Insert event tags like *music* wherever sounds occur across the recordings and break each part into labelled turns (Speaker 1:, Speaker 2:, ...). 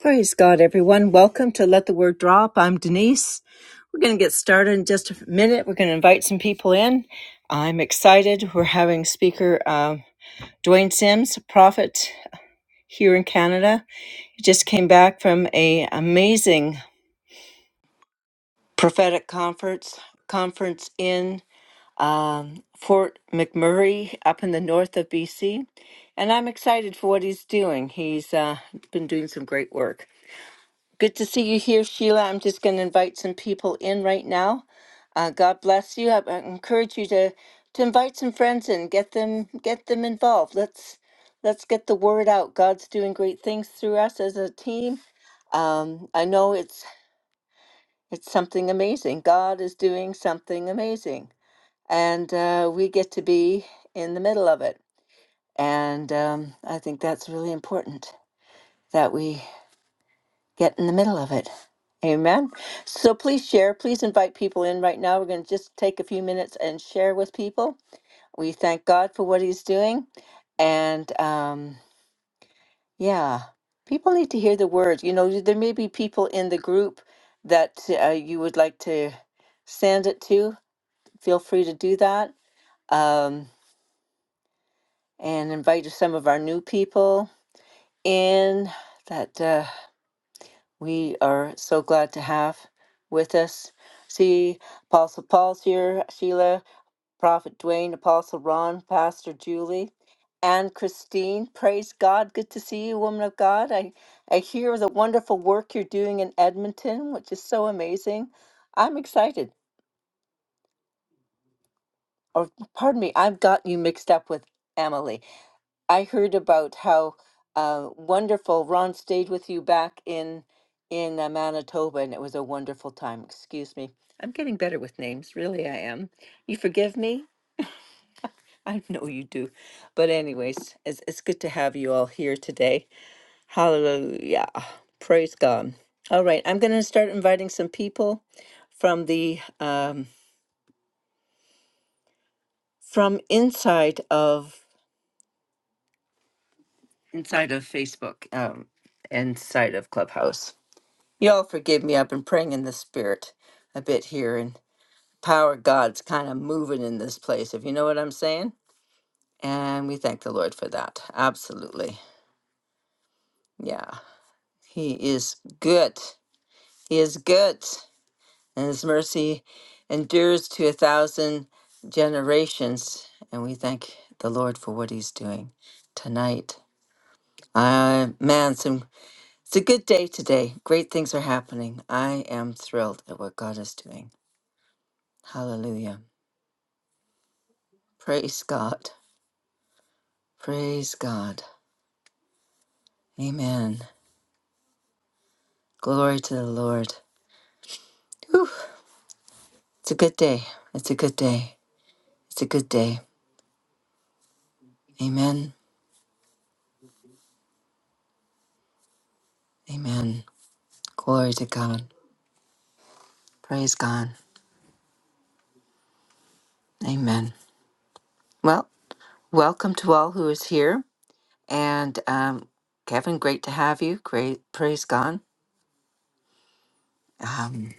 Speaker 1: Praise God, everyone. Welcome to Let the Word Drop. I'm Denise. We're going to get started in just a minute. We're going to invite some people in. I'm excited. We're having speaker uh, Dwayne Sims, a prophet here in Canada. He just came back from a amazing prophetic conference conference in um, Fort McMurray up in the north of BC. And I'm excited for what he's doing. He's uh, been doing some great work. Good to see you here, Sheila. I'm just going to invite some people in right now. Uh, God bless you. I, I encourage you to to invite some friends and get them get them involved. Let's let's get the word out. God's doing great things through us as a team. Um, I know it's it's something amazing. God is doing something amazing, and uh, we get to be in the middle of it. And um, I think that's really important that we get in the middle of it. Amen. So please share. Please invite people in right now. We're going to just take a few minutes and share with people. We thank God for what He's doing. And um, yeah, people need to hear the word. You know, there may be people in the group that uh, you would like to send it to. Feel free to do that. Um, and invite some of our new people in that. Uh, we are so glad to have with us. See, Apostle Paul's here, Sheila, Prophet Dwayne, Apostle Ron, Pastor Julie, and Christine. Praise God. Good to see you, woman of God. I, I hear the wonderful work you're doing in Edmonton, which is so amazing. I'm excited. Or pardon me, I've got you mixed up with Emily. I heard about how uh, wonderful Ron stayed with you back in in uh, Manitoba, and it was a wonderful time. Excuse me, I'm getting better with names. Really, I am. You forgive me? I know you do. But anyways, it's it's good to have you all here today. Hallelujah! Praise God. All right, I'm going to start inviting some people from the um, from inside of inside of Facebook, um, inside of Clubhouse. Y'all forgive me. I've been praying in the spirit a bit here, and power of God's kind of moving in this place, if you know what I'm saying. And we thank the Lord for that. Absolutely. Yeah. He is good. He is good. And his mercy endures to a thousand generations. And we thank the Lord for what he's doing tonight. Uh, man, some, it's a good day today. Great things are happening. I am thrilled at what God is doing. Hallelujah. Praise God. Praise God. Amen. Glory to the Lord. Whew. It's a good day. It's a good day. It's a good day. Amen. Amen. Glory to God. Praise God. Amen. Well, welcome to all who is here. And um, Kevin, great to have you. Great. Praise God. Um,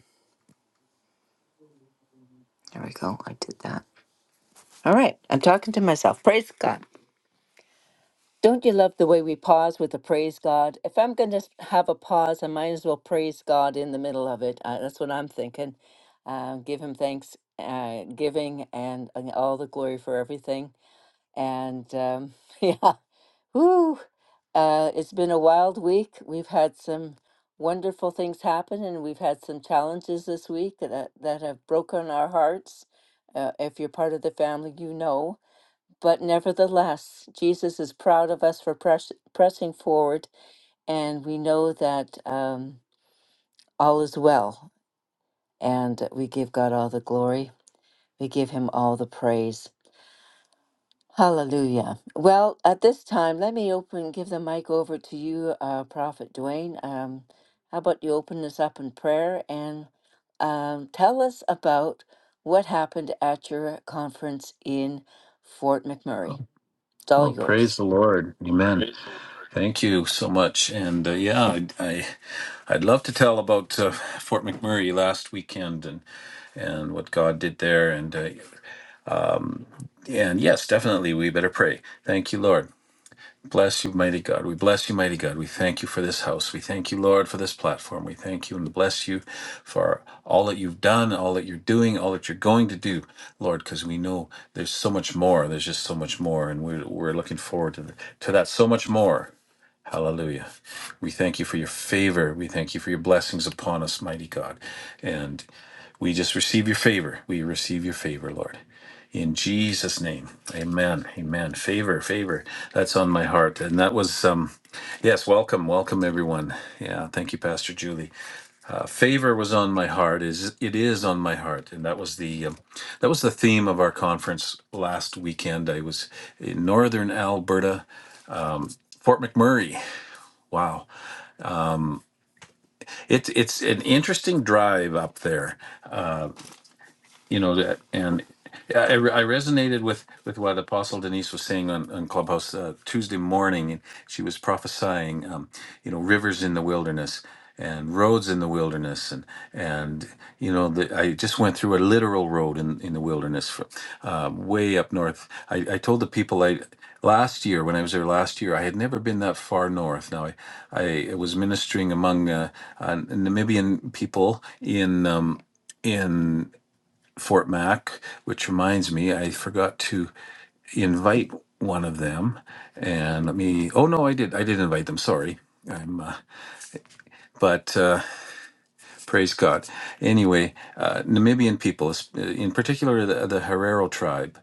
Speaker 1: there we go. I did that. All right. I'm talking to myself. Praise God. Don't you love the way we pause with a praise God? If I'm going to have a pause, I might as well praise God in the middle of it. Uh, that's what I'm thinking. Uh, give Him thanks, uh, giving, and, and all the glory for everything. And um, *laughs* yeah, whoo! Uh, it's been a wild week. We've had some wonderful things happen, and we've had some challenges this week that that have broken our hearts. Uh, if you're part of the family, you know. But nevertheless, Jesus is proud of us for press, pressing forward, and we know that um, all is well, and we give God all the glory. We give him all the praise. Hallelujah. Well, at this time, let me open, give the mic over to you, uh, Prophet Dwayne. Um, how about you open this up in prayer and um, tell us about what happened at your conference in Fort McMurray? It's all
Speaker 2: Oh, praise
Speaker 1: yours.
Speaker 2: the Lord. Amen. Thank you so much. And uh, yeah, I, I, I'd love to tell about uh, Fort McMurray last weekend and, and what God did there. And, uh, and yes, definitely, we better pray. Thank you, Lord. Bless you, mighty God. We bless you, mighty God. We thank you for this house. We thank you, Lord, for this platform. We thank you and bless you for all that you've done, all that you're doing, all that you're going to do, Lord, because we know there's so much more. There's just so much more. And we're, we're looking forward to, the, to that so much more Hallelujah. We thank you for your favor. We thank you for your blessings upon us, mighty God. And we just receive your favor. We receive your favor, Lord. In Jesus' name. Amen. Amen. Favor, favor. That's on my heart. And that was um yes, welcome, welcome everyone. Yeah, thank you, Pastor Julie. Uh, favor was on my heart, is it is on my heart. And that was the um, that was the theme of our conference last weekend. I was in northern Alberta, Fort McMurray. Wow. It's it's an interesting drive up there you know that and I, I resonated with with what apostle denise was saying on, on clubhouse uh, tuesday morning and she was prophesying um, you know rivers in the wilderness and roads in the wilderness and and you know the, i just went through a literal road in, in the wilderness from, uh, way up north I, I told the people i last year when i was there last year i had never been that far north now i, I was ministering among uh, uh, namibian people in um, in Fort Mac, which reminds me, I forgot to invite one of them. And let me, oh no, I did. I did invite them. Sorry. I'm, uh, but uh, praise God. Anyway, uh, Namibian people, in particular the, the Herero tribe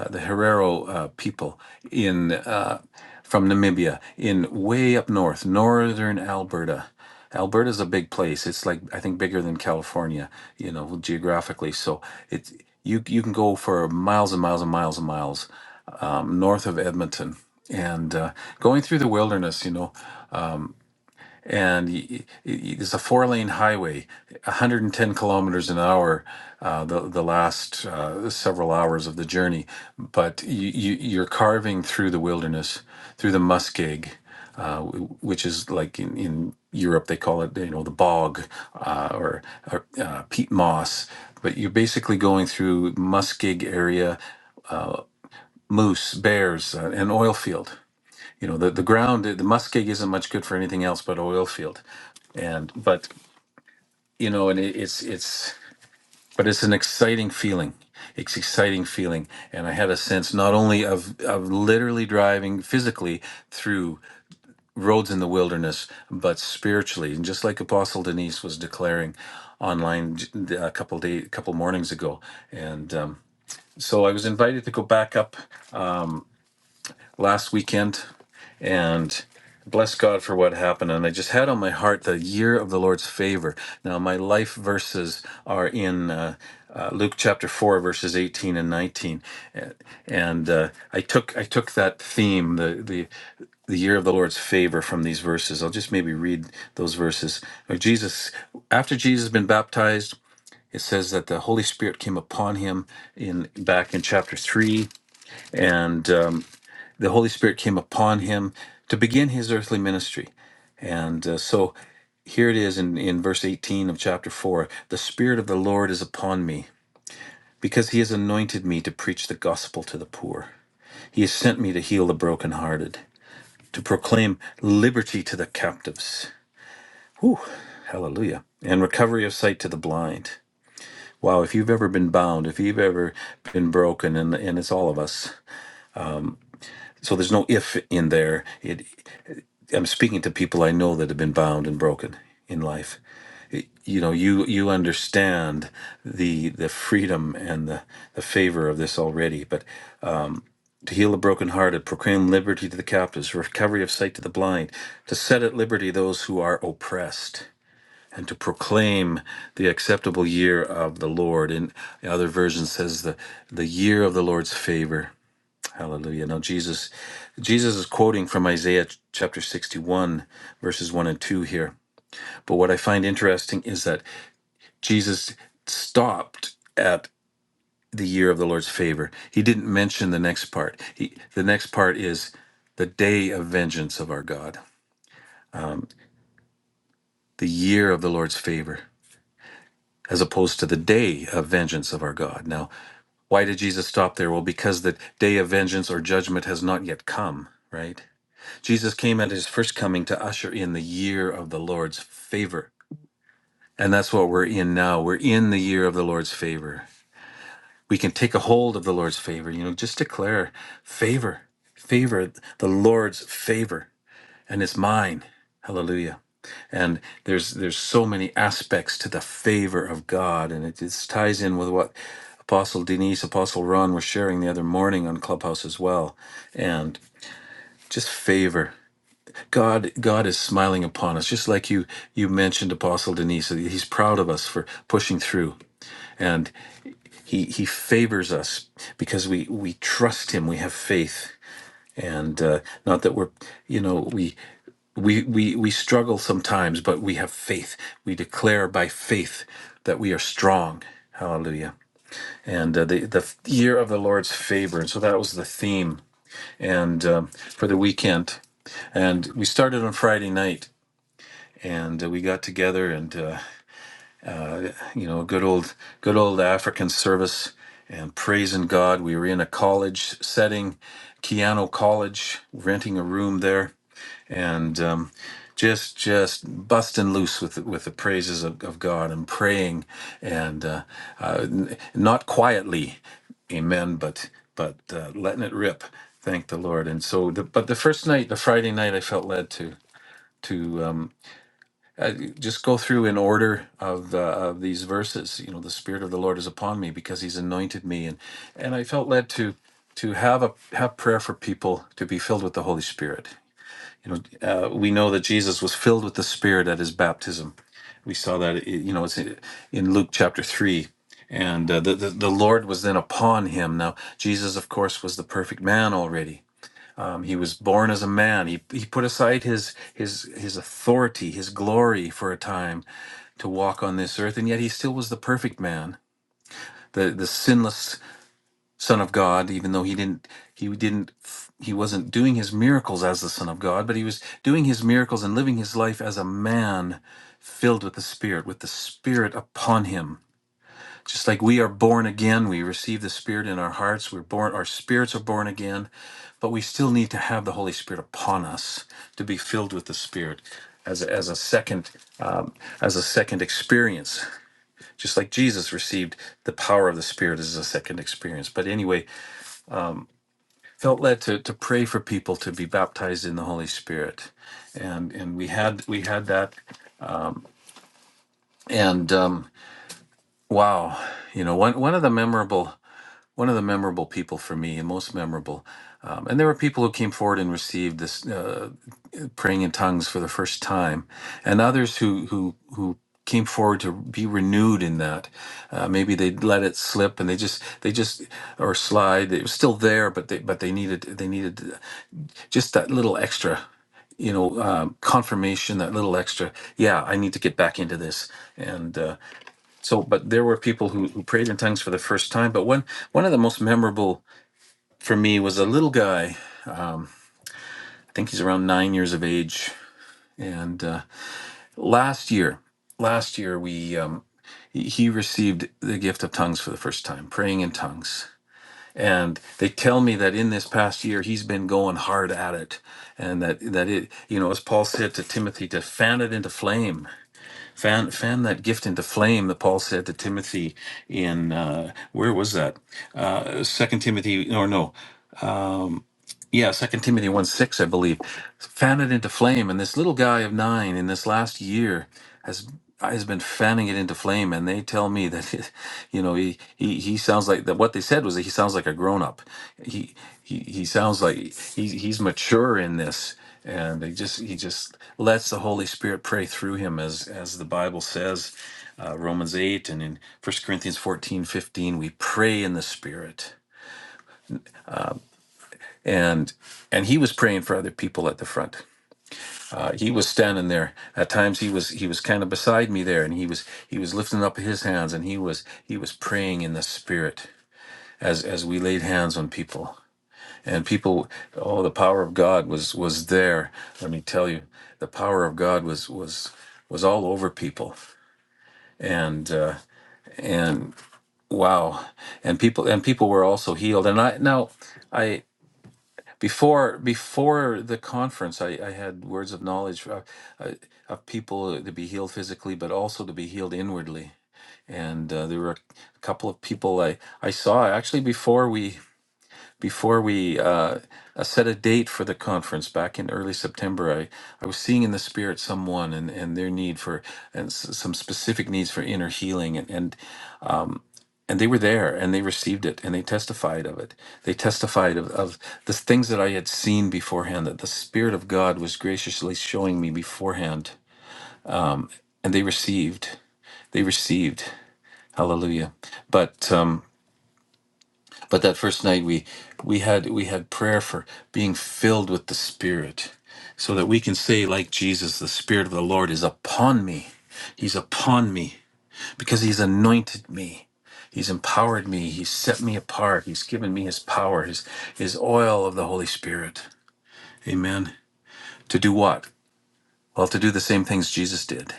Speaker 2: uh, the Herero uh, people in uh, from Namibia, in way up north, northern Alberta. Alberta's a big place. It's like I think bigger than California, you know, geographically. So it's you you can go for miles and miles and miles and miles um, north of Edmonton and uh, going through the wilderness. You know, and y y- there's a four lane highway 110 kilometers an hour uh, the, the last uh, several hours of the journey but you, you, you're carving through the wilderness through the muskeg uh, w- which is like in, in Europe, they call it, you know, the bog uh, or, or uh, peat moss. But you're basically going through muskeg area, moose, bears, uh, an oil field you know the, the ground the muskeg isn't much good for anything else but oil field and but you know and it, it's it's but it's an exciting feeling it's exciting feeling and i had a sense not only of of literally driving physically through roads in the wilderness but spiritually and just like apostle denise was declaring online j- a couple day a couple mornings ago and um so i was invited to go back up last weekend and bless God for what happened. And I just had on my heart the year of the Lord's favor. Now, my life verses are in uh, uh, Luke chapter 4, verses 18 and 19. Uh, And uh, I took I took that theme, the, the, the year of the Lord's favor, from these verses. I'll just maybe read those verses. Uh, Jesus, after Jesus had been baptized, it says that the Holy Spirit came upon him in back in chapter three, and um, the Holy Spirit came upon him to begin his earthly ministry. And uh, so here it is in, in verse 18 of chapter 4 The Spirit of the Lord is upon me, because he has anointed me to preach the gospel to the poor. He has sent me to heal the brokenhearted, to proclaim liberty to the captives. Whew, hallelujah. And recovery of sight to the blind. Wow, if you've ever been bound, if you've ever been broken, and, and it's all of us. So there's no if in there. It. I'm speaking to people I know that have been bound and broken in life. You know, you you understand the the freedom and the, the favor of this already. But to heal the brokenhearted, proclaim liberty to the captives, recovery of sight to the blind, to set at liberty those who are oppressed, and to proclaim the acceptable year of the Lord. In the other version says the the year of the Lord's favor. Hallelujah. Now Jesus Jesus is quoting from Isaiah chapter 61 verses 1 and 2 here but what I find interesting is that Jesus stopped at the year of the Lord's favor. He didn't mention the next part. He, the next part is the day of vengeance of our God, the year of the Lord's favor, as opposed to the day of vengeance of our God. Now, why did Jesus stop there? Well, because the day of vengeance or judgment has not yet come, right? Jesus came at his first coming to usher in the year of the Lord's favor. And that's what we're in now. We're in the year of the Lord's favor we can take a hold of the Lord's favor. You know, just declare favor, favor, the Lord's favor, and it's mine. Hallelujah. And there's there's so many aspects to the favor of God, and it just ties in with what Apostle Denise, Apostle Ron were sharing the other morning on Clubhouse as well, and just favor. God God is smiling upon us, just like you you mentioned, Apostle Denise. He's proud of us for pushing through, and. He he favors us because we we trust him. We have faith, and uh, not that we're you know we. We, we we struggle sometimes, but we have faith. We declare by faith that we are strong. Hallelujah! And uh, the the year of the Lord's favor, and so that was the theme, and um, for the weekend, and we started on Friday night, and uh, we got together, and uh, you know, good old good old African service and praising God. We were in a college setting, Keano College, renting a room there, and um, just just busting loose with the- with the praises of, of God and praying, and uh, uh, n- not quietly, Amen, but but uh, letting it rip. Thank the Lord. And so, the, but the first night, the Friday night, I felt led to to. um, uh, just go through in order of the of these verses. You know, the Spirit of the Lord is upon me because He's anointed me, and and I felt led to to have a have prayer for people to be filled with the Holy Spirit. You know, uh, we know that Jesus was filled with the Spirit at His baptism. We saw that you know it's in in Luke chapter three. And uh, the, the the Lord was then upon him. Now Jesus, of course, was the perfect man already, he was born as a man. He, he put aside his, his, his authority, his glory for a time to walk on this earth, and yet he still was the perfect man, the, the sinless Son of God, even though he didn't, he didn't, he wasn't doing his miracles as the Son of God, but he was doing his miracles and living his life as a man filled with the Spirit, with the Spirit upon him. Just like we are born again, we receive the Spirit in our hearts. We're born, our spirits are born again, but we still need to have the Holy Spirit upon us to be filled with the Spirit as a, as a second um, as a second experience. Just like Jesus received the power of the Spirit as a second experience. But anyway, felt led to, to pray for people to be baptized in the Holy Spirit, and and we had we had that, and um, wow, you know one one of the memorable one of the memorable people for me, and most memorable. Um, and there were people who came forward and received this uh, praying in tongues for the first time, and others who who who came forward to be renewed in that. Uh, maybe they let it slip, and they just they just or slide. It was still there, but they but they needed they needed uh, just that little extra you know um, confirmation that little extra yeah i need to get back into this and uh, so but there were people who, who prayed in tongues for the first time but one one of the most memorable for me was a little guy. I think he's around nine years of age. And uh, last year, last year we um, he received the gift of tongues for the first time, praying in tongues. And they tell me that in this past year he's been going hard at it, and that that it you know as Paul said to Timothy to fan it into flame. Fan, fan that gift into flame that Paul said to Timothy in uh, where was that Uh, Second Timothy or no yeah, Second Timothy one six, I believe, fan it into flame. And this little guy of nine in this last year has has been fanning it into flame. And they tell me that, *laughs* you know, he he, he sounds like that. What they said was that he sounds like a grown up. He he he sounds like he, he's mature in this, and he just he just lets the Holy Spirit pray through him as as the Bible says, uh, Romans eight and in First Corinthians 14 15, we pray in the Spirit and and he was praying for other people at the front uh, he was standing there at times he was he was kind of beside me there and he was he was lifting up his hands and he was he was praying in the spirit as as we laid hands on people and people oh the power of god was was there let me tell you the power of god was was was all over people and uh, and wow and people and people were also healed and i now I. Before before the conference, I, I had words of knowledge for, uh, of people to be healed physically, but also to be healed inwardly. And uh, there were a couple of people I, I saw actually before we before we uh, uh, set a date for the conference back in early September. I, I was seeing in the spirit someone and, and their need for and s- some specific needs for inner healing, and, and and they were there and they received it and they testified of it they testified of, of the things that i had seen beforehand that the spirit of god was graciously showing me beforehand and they received they received hallelujah but um but that first night we we had we had prayer for being filled with the spirit so that we can say like jesus the spirit of the lord is upon me he's upon me because he's anointed me he's empowered me he's set me apart he's given me his power his his oil of the holy spirit amen to do what well to do the same things jesus did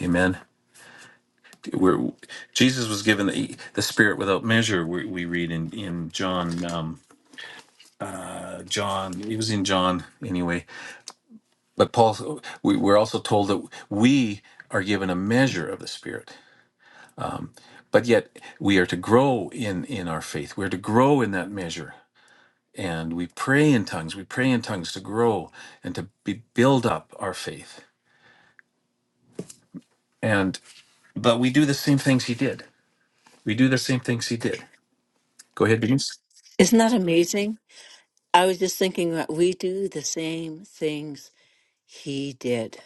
Speaker 2: amen We're, jesus was given the, the spirit without measure we, we read in in john um, uh, john It was in john anyway but paul we, we're also told that we are given a measure of the spirit but yet we are to grow in in our faith we're to grow in that measure and we pray in tongues we pray in tongues to grow and to be, build up our faith and but we do the same things he did we do the same things he did go ahead Denise.
Speaker 1: Isn't that amazing? I was just thinking that we do the same things he did.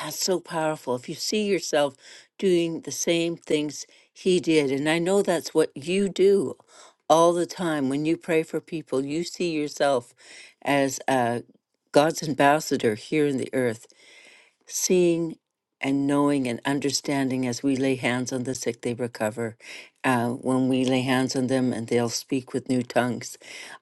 Speaker 1: That's so powerful. If you see yourself doing the same things he did, and I know that's what you do all the time when you pray for people, you see yourself as uh, God's ambassador here in the earth, seeing and knowing and understanding as we lay hands on the sick, they recover. Uh, when we lay hands on them and they'll speak with new tongues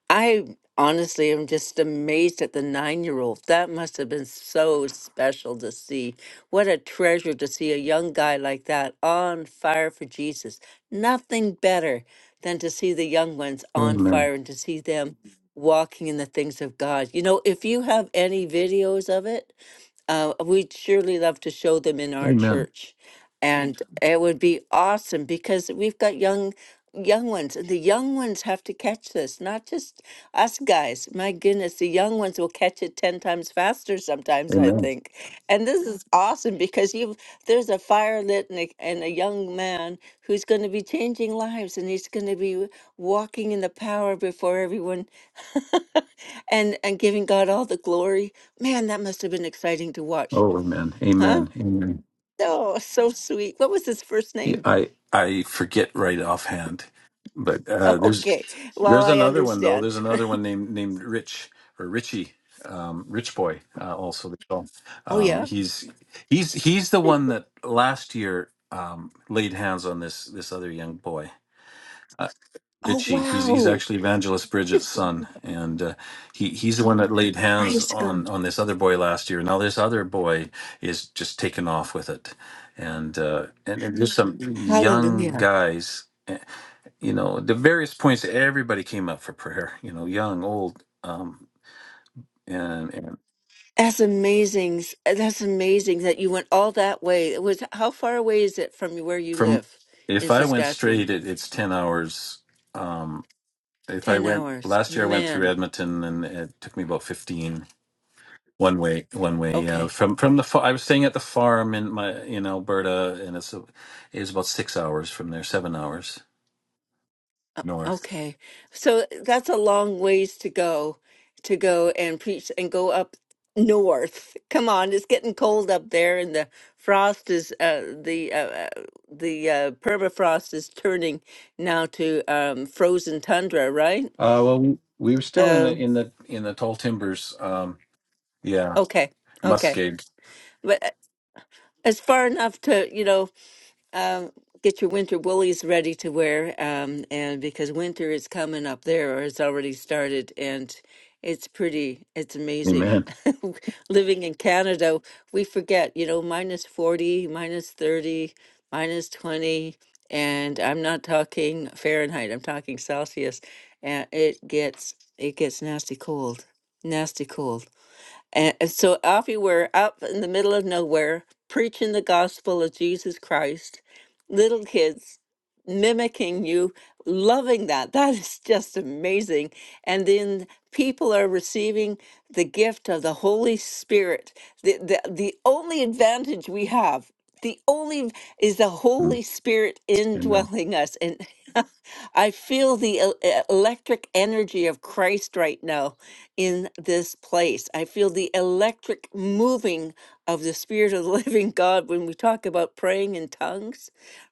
Speaker 1: I honestly am just amazed at the nine year old. That must have been so special to see. What a treasure to see a young guy like that on fire for Jesus. Nothing better than to see the young ones on
Speaker 2: amen
Speaker 1: fire and to see them walking in the things of God. You know, if you have any videos of it, uh, we'd surely love to show them in our
Speaker 2: amen
Speaker 1: church. And it would be awesome because we've got young young ones and the young ones have to catch this not just us guys my goodness the young ones will catch it 10 times faster sometimes i
Speaker 2: amen
Speaker 1: think and this is awesome because you've there's a fire lit and a, and a young man who's going to be changing lives and he's going to be walking in the power before everyone and and giving god all the glory man that must have been exciting to watch
Speaker 2: oh amen
Speaker 1: huh
Speaker 2: amen amen
Speaker 1: Oh, so sweet. What was his first
Speaker 2: yeah,
Speaker 1: name?
Speaker 2: i i forget right offhand but uh,
Speaker 1: *laughs*
Speaker 2: there's
Speaker 1: Okay. Well,
Speaker 2: There's
Speaker 1: I
Speaker 2: another one though.
Speaker 1: understand.
Speaker 2: There's another one named named Rich or Richie, um, Rich Boy. Uh, also, they call him.
Speaker 1: Oh,
Speaker 2: Um,
Speaker 1: yeah.
Speaker 2: he's he's he's the one that last year um, laid hands on this this other young boy, uh,
Speaker 1: Oh,
Speaker 2: Richie. He's he's
Speaker 1: wow.
Speaker 2: actually Evangelist Bridget's son, and uh, he he's the one that laid hands
Speaker 1: Praise
Speaker 2: on
Speaker 1: God.
Speaker 2: on this other boy last year. Now this other boy is just taken off with it, and uh, and, and there's some young
Speaker 1: Hallelujah.
Speaker 2: guys you know the various points everybody came up for prayer you know young old um and, and
Speaker 1: That's amazing. That's amazing that you went all that way. It was how far away is it from where you
Speaker 2: from
Speaker 1: live in
Speaker 2: if i went
Speaker 1: Saskatchewan?
Speaker 2: straight it, it's 10 hours um if i
Speaker 1: 10
Speaker 2: went
Speaker 1: hours.
Speaker 2: last year i went through
Speaker 1: Man.
Speaker 2: edmonton and it took me about fifteen one way one way yeah
Speaker 1: Okay.
Speaker 2: from from the fa- i was staying at the farm in my in alberta and it's a, it was about six hours from there seven hours
Speaker 1: O-
Speaker 2: north
Speaker 1: Okay. So uh, that's a long ways to go to go and preach and go up north. *laughs* Come on, it's getting cold up there and the frost is uh the uh, uh, the uh, permafrost is turning now to um frozen tundra, right?
Speaker 2: uh well we, we were still in the
Speaker 1: Um
Speaker 2: in the in the tall timbers um yeah
Speaker 1: okay. Okay.
Speaker 2: muskeg
Speaker 1: But uh, it's far enough to, you know, Um, get your winter woolies ready to wear, um, and because winter is coming up there, or it's already started, and it's pretty, it's amazing.
Speaker 2: amen
Speaker 1: *laughs* Living in Canada, we forget, you know, minus 40, minus 30, minus 20, and I'm not talking Fahrenheit, I'm talking Celsius, and it gets it gets nasty cold, nasty cold. And, and so off we were, up in the middle of nowhere, preaching the gospel of Jesus Christ, little kids mimicking you, loving that. That is just amazing. And then people are receiving the gift of the Holy Spirit. The, the, the only advantage we have, the only v- is the Holy Spirit
Speaker 2: And,
Speaker 1: indwelling us. And *laughs* I feel the el- e- electric energy of Christ right now in this place. I feel the electric moving of the Spirit of the *laughs* Living God when we talk about praying in tongues.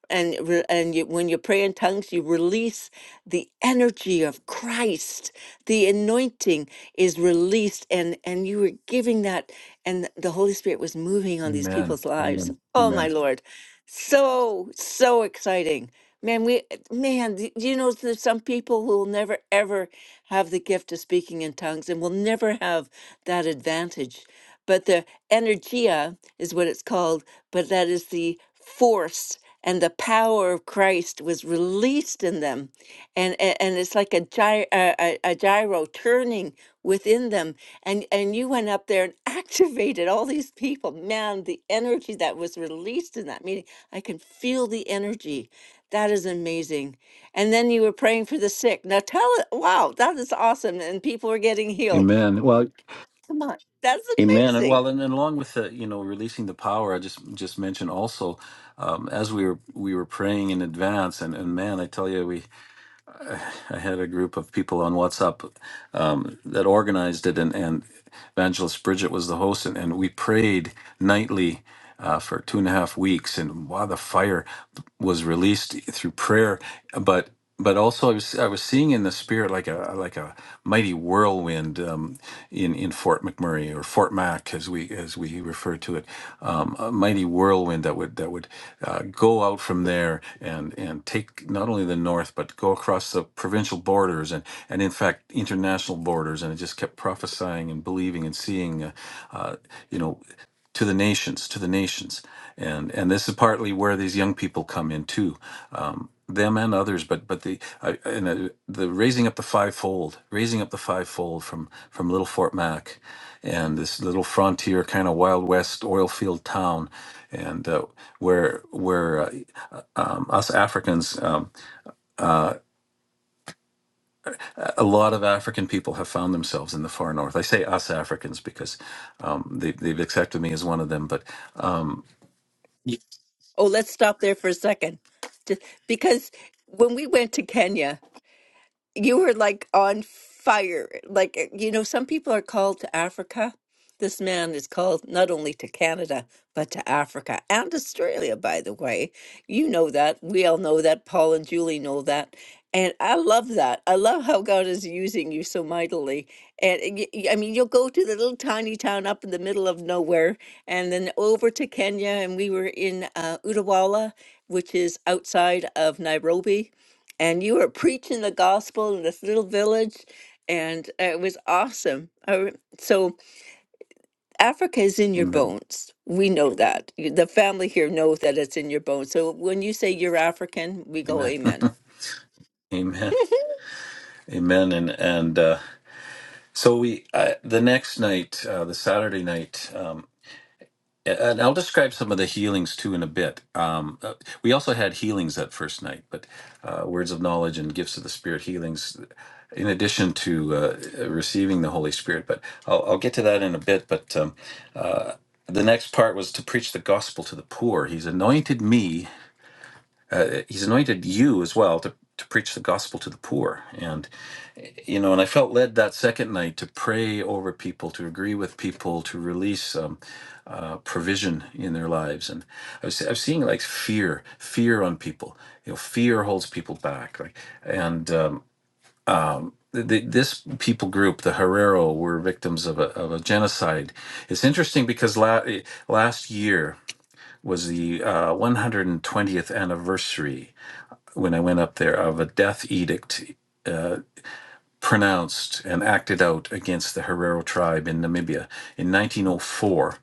Speaker 1: And, re- and you, when you pray in tongues, you release the energy of Christ. The anointing is released, and, and you were giving that, and the Holy Spirit was moving on these
Speaker 2: Amen.
Speaker 1: people's lives.
Speaker 2: Amen.
Speaker 1: Oh, my
Speaker 2: Amen.
Speaker 1: Lord. So, so exciting. Man, we, man, th- you know, there's some people who will never ever have the gift of speaking in tongues and will never have that advantage. But the energia is what it's called, but that is the force and the power of Christ was released in them. And, and, and it's like a, gy- a, a a gyro turning within them. And, and you went up there and *laughs* activated all these people. Man, the energy that was released in that meeting. I can feel the energy. That is amazing. And then you were praying for the sick. Now tell it, wow, that is awesome. And people are getting healed.
Speaker 2: Amen. Well,
Speaker 1: Come on, that's
Speaker 2: amen. And
Speaker 1: amazing.
Speaker 2: well, and, and along with the, you know, releasing the power, I just just mentioned also, um, as we were we were praying in advance, and, and man, I tell you, we I had a group of people on WhatsApp um, that organized it, and and Evangelist Bridget was the host, and, and we prayed nightly uh, for two and a half weeks, and wow, the fire was released through prayer. But but also, I was I was seeing in the spirit like a like a mighty whirlwind um, in in Fort McMurray or Fort Mac as we as we refer to it, um, a mighty whirlwind that would that would uh, go out from there and and take not only the north but go across the provincial borders and and in fact international borders, and I just kept prophesying and believing and seeing, uh, uh, you know to the nations, to the nations, and and this is partly where these young people come in too, um, them and others. But but the I, and uh, the raising up the fivefold, raising up the fivefold from from little Fort Mac, and this little frontier kind of wild west oil field town, and uh, where where uh, uh, um, us Africans, um, a lot of African people have found themselves in the far north. I say us Africans because um, they they've accepted me as one of them, but. Um, Y-
Speaker 1: Oh, let's stop there for a second. Just because when we went to Kenya, You were like on fire. Like, eh, you know, some people are called to Africa. This man is called not only to Canada, but to Africa and Australia, by the way. You know that. We all know that. Paul and Julie know that. And I love that. I love how God is using you so mightily. And y- y- I mean, you'll go to the little tiny town up in the middle of nowhere and then over to Kenya. And we were in uh, Utawala, which is outside of Nairobi and you were preaching the gospel in this little village and it was awesome I re- so africa is in your
Speaker 2: Amen.
Speaker 1: bones we know that You- the family here knows that it's in your bones so when you say you're african we go
Speaker 2: Amen. *laughs*
Speaker 1: amen
Speaker 2: Amen.
Speaker 1: *laughs*
Speaker 2: Amen. And and uh, so we uh, the next night, uh, the Saturday night, um, a- and I'll describe some of the healings too in a bit. Um, uh, we also had healings that first night, but uh, words of knowledge and gifts of the Spirit healings, in addition to uh, receiving the Holy Spirit. But I'll, I'll get to that in a bit. But um, the next part was to preach the gospel to the poor. He's anointed me. Uh, he's anointed you as well to to preach the gospel to the poor. And you know, and I felt led that second night to pray over people, to agree with people, to release um, uh, provision in their lives. And I was, I was seeing like fear, fear on people. You know, fear holds people back. Like, and um, th th this people group, the Herero, were victims of a, of a genocide. It's interesting because la- eh, last year was the uh, 120th anniversary when I went up there of a death edict Uh, pronounced and acted out against the Herero tribe in Namibia. In 1904,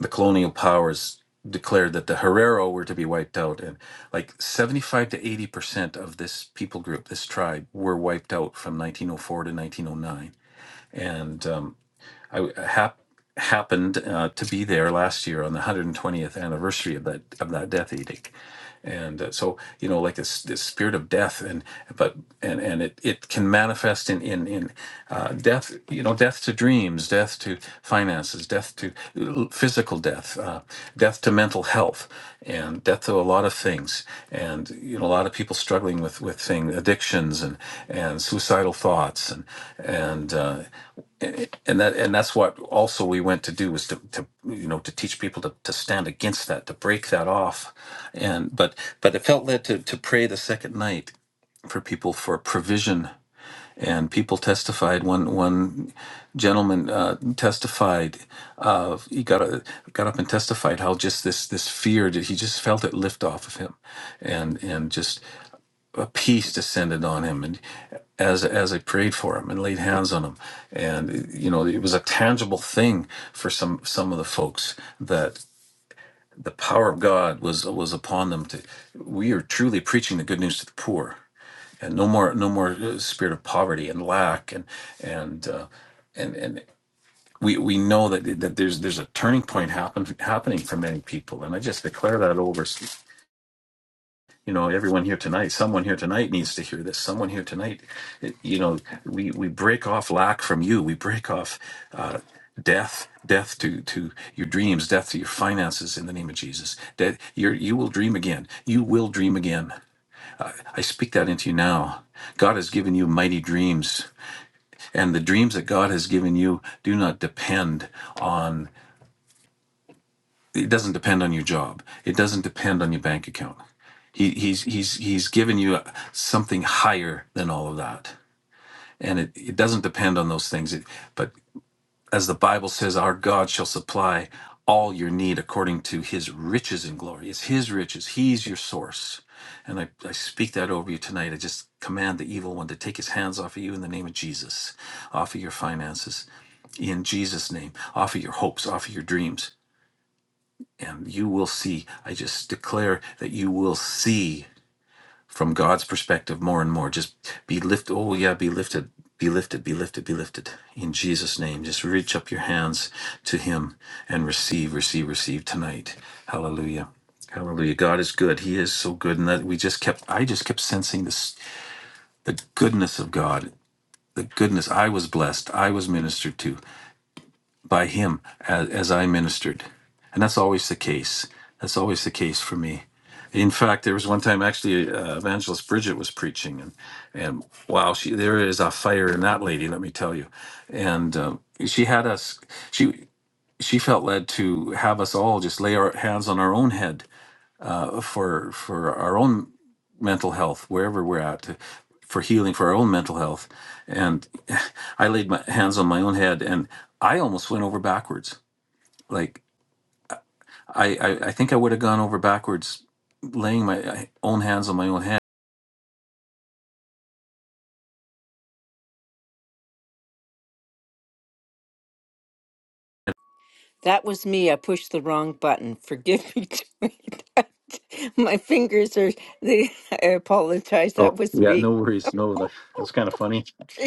Speaker 2: the colonial powers declared that the Herero were to be wiped out, and like 75 to 80 percent of this people group, this tribe, were wiped out from 1904 to 1909. And um, I uh, hap- happened uh, to be there last year on the 120th anniversary of that of that death edict, and uh, so you know, like this this spirit of death, and but and and it it can manifest in in in uh, death, you know, death to dreams, death to finances, death to uh, physical death, uh, death to mental health, and death to a lot of things, and you know, a lot of people struggling with with thing addictions and and suicidal thoughts and and uh, and and that and that's what also we went to do was to, to you know to teach people to, to stand against that to break that off and but but it felt led to to pray the second night for people for provision and people testified one one gentleman uh, testified uh, he got a, got up and testified how just this this fear that he just felt it lift off of him and and just a peace descended on him and as as I prayed for him and laid hands on him and you know it was a tangible thing for some some of the folks that the power of God was was upon them to we are truly preaching the good news to the poor and no more no more uh, spirit of poverty and lack and and uh, and and we we know that that there's there's a turning point happen happening for many people and I just declare that over you know everyone here tonight someone here tonight needs to hear this someone here tonight it- you know we we break off lack from you we break off uh death death to to your dreams death to your finances in the name of jesus that you you will dream again you will dream again i speak that into you now god has given you mighty dreams and the dreams that god has given you do not depend on it doesn't depend on your job it doesn't depend on your bank account He, he's he's he's given you something higher than all of that, and it, it doesn't depend on those things. It, but as the Bible says, our God shall supply all your need according to His riches in glory. It's His riches. He's your source, and I, I speak that over you tonight. I just command the evil one to take his hands off of you in the name of Jesus, off of your finances, in Jesus' name, off of your hopes, off of your dreams. And you will see, I just declare that you will see from God's perspective more and more. Just be lifted. Oh, yeah, be lifted, be lifted, be lifted, be lifted. In Jesus' name, just reach up your hands to Him and receive, receive, receive tonight. Hallelujah. Hallelujah. God is good. He is so good. And that we just kept, I just kept sensing this, the goodness of God, the goodness. I was blessed. I was ministered to by Him as, as I ministered. And that's always the case. That's always the case for me. In fact, there was one time actually uh, Evangelist Bridget was preaching, and and wow, she there is a fire in that lady, let me tell you. And um, she had us, she she felt led to have us all just lay our hands on our own head uh, for for our own mental health wherever we're at to, for healing for our own mental health and *laughs* i laid my hands on my own head and i almost went over backwards like i i, I think i would have gone over backwards laying my uh, own hands on my own head
Speaker 1: that was me i pushed the wrong button forgive me *laughs* Joy. That- my fingers are they *laughs* i apologize that
Speaker 2: oh
Speaker 1: was
Speaker 2: yeah
Speaker 1: me
Speaker 2: no worries no that that was kind of funny
Speaker 1: *laughs*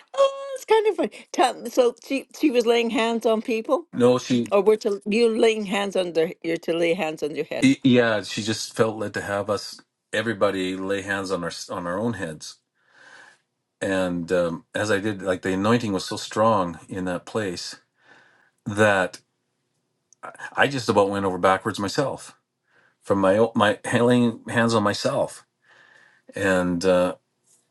Speaker 1: oh, it's kind of funny Tell- so she she was laying hands on people
Speaker 2: no she
Speaker 1: Or we're to you laying hands on their you're to lay hands on your head.
Speaker 2: y- yeah she just felt led to have us everybody lay hands on our on our own heads and um, as i did like the anointing was so strong in that place that. I just about went over backwards myself from my o- my laying hands on myself, and uh,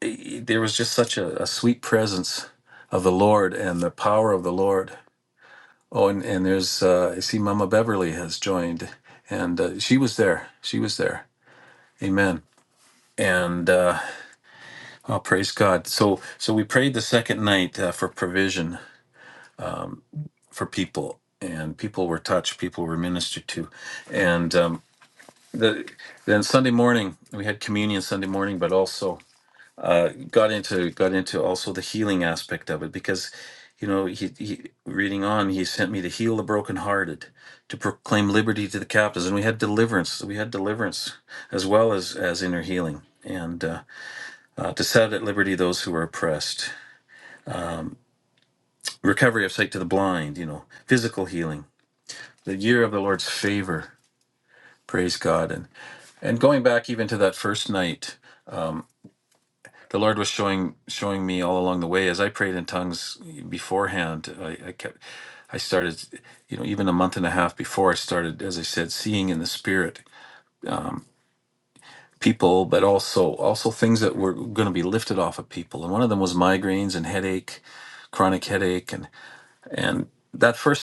Speaker 2: it- there was just such a, a sweet presence of the Lord and the power of the Lord. Oh, and and there's uh, I see Mama Beverly has joined, and uh, she was there. She was there. Amen. And uh, oh, praise God. So so we prayed the second night uh, for provision for people, and people were touched. People were ministered to, and. Um, the then Sunday morning we had communion Sunday morning, but also uh, got into got into also the healing aspect of it because you know he, he reading on he sent me to heal the brokenhearted, to proclaim liberty to the captives, and we had deliverance we had deliverance as well as as inner healing and uh, uh, to set at liberty those who are oppressed, recovery of sight to the blind, you know physical healing, the year of the Lord's favor, praise God and and going back even to that first night. the Lord was showing showing me all along the way as I prayed in tongues beforehand. I, I kept I started, you know, even a month and a half before I started, as I said, seeing in the spirit people, but also also things that were going to be lifted off of people. And one of them was migraines and headache, chronic headache, and and that first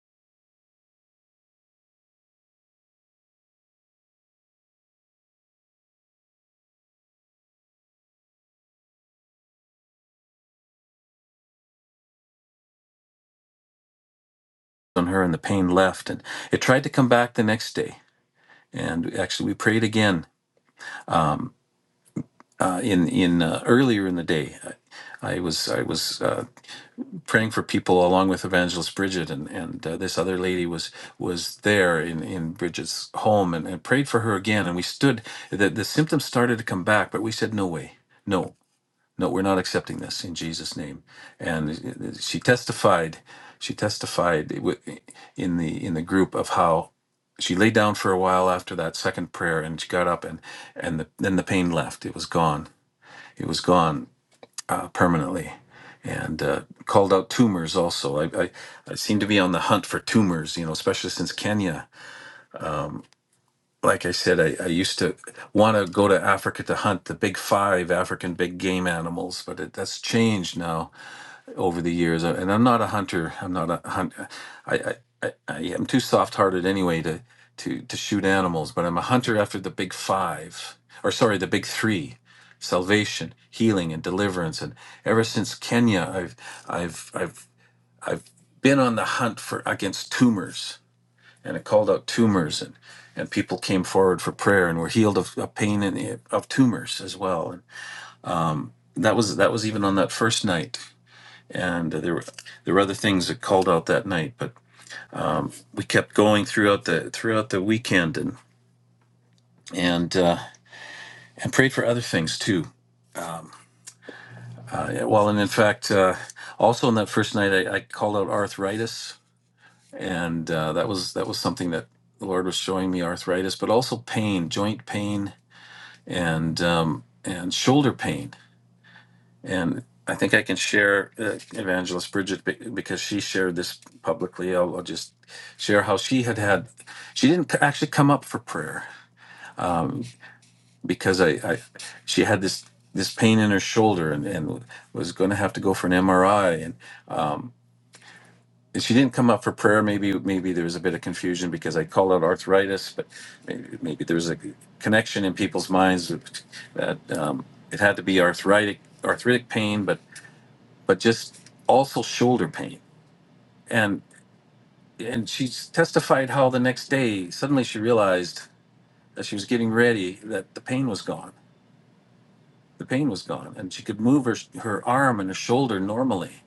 Speaker 2: on her and the pain left, and it tried to come back the next day. And actually, we prayed again uh, in in uh, earlier in the day. I was I was uh, praying for people along with evangelist bridget and and uh, this other lady was was there in in bridget's home and, and prayed for her again and we stood the, the symptoms started to come back but we said no way no no we're not accepting this in jesus name and it- it- she testified she testified wi- in the in the group of how she lay down for a while after that second prayer and she got up and and the, then the pain left it was gone it was gone uh, permanently and uh, called out tumors also. I, I, I seem to be on the hunt for tumors, you know, especially since Kenya. Like I said, I, I used to want to go to Africa to hunt the big five African big game animals, but it, that's changed now over the years. Uh, And I'm not a hunter. I'm not a hunt. I I, I, I am too soft-hearted anyway to to to shoot animals. But I'm a hunter after the big five, or sorry, the big three: salvation, healing, and deliverance. And ever since Kenya, I've I've I've I've been on the hunt for against tumors, and it called out tumors and. And people came forward for prayer, and were healed of, of pain and of tumors as well. And that was that was even on that first night and uh, there were there were other things that called out that night, but we kept going throughout the throughout the weekend and and uh, and prayed for other things too. Uh, well, and in fact, uh, also on that first night, I, I called out arthritis, and uh, that was that was something that the Lord was showing me arthritis, but also pain, joint pain, and um, and shoulder pain And I think I can share uh, Evangelist Bridget be- because she shared this publicly. I'll, I'll just share how she had had. She didn't c- actually come up for prayer um, because I, I, she had this this pain in her shoulder and, and was going to have to go for an MRI. And um, and she didn't come up for prayer. Maybe maybe there was a bit of confusion because I called out arthritis, but maybe, maybe there was a connection in people's minds that um, it had to be arthritic arthritic pain, but but just also shoulder pain. And and she testified how the next day suddenly she realized as she was getting ready that the pain was gone. The pain was gone, and she could move her her arm and her shoulder normally.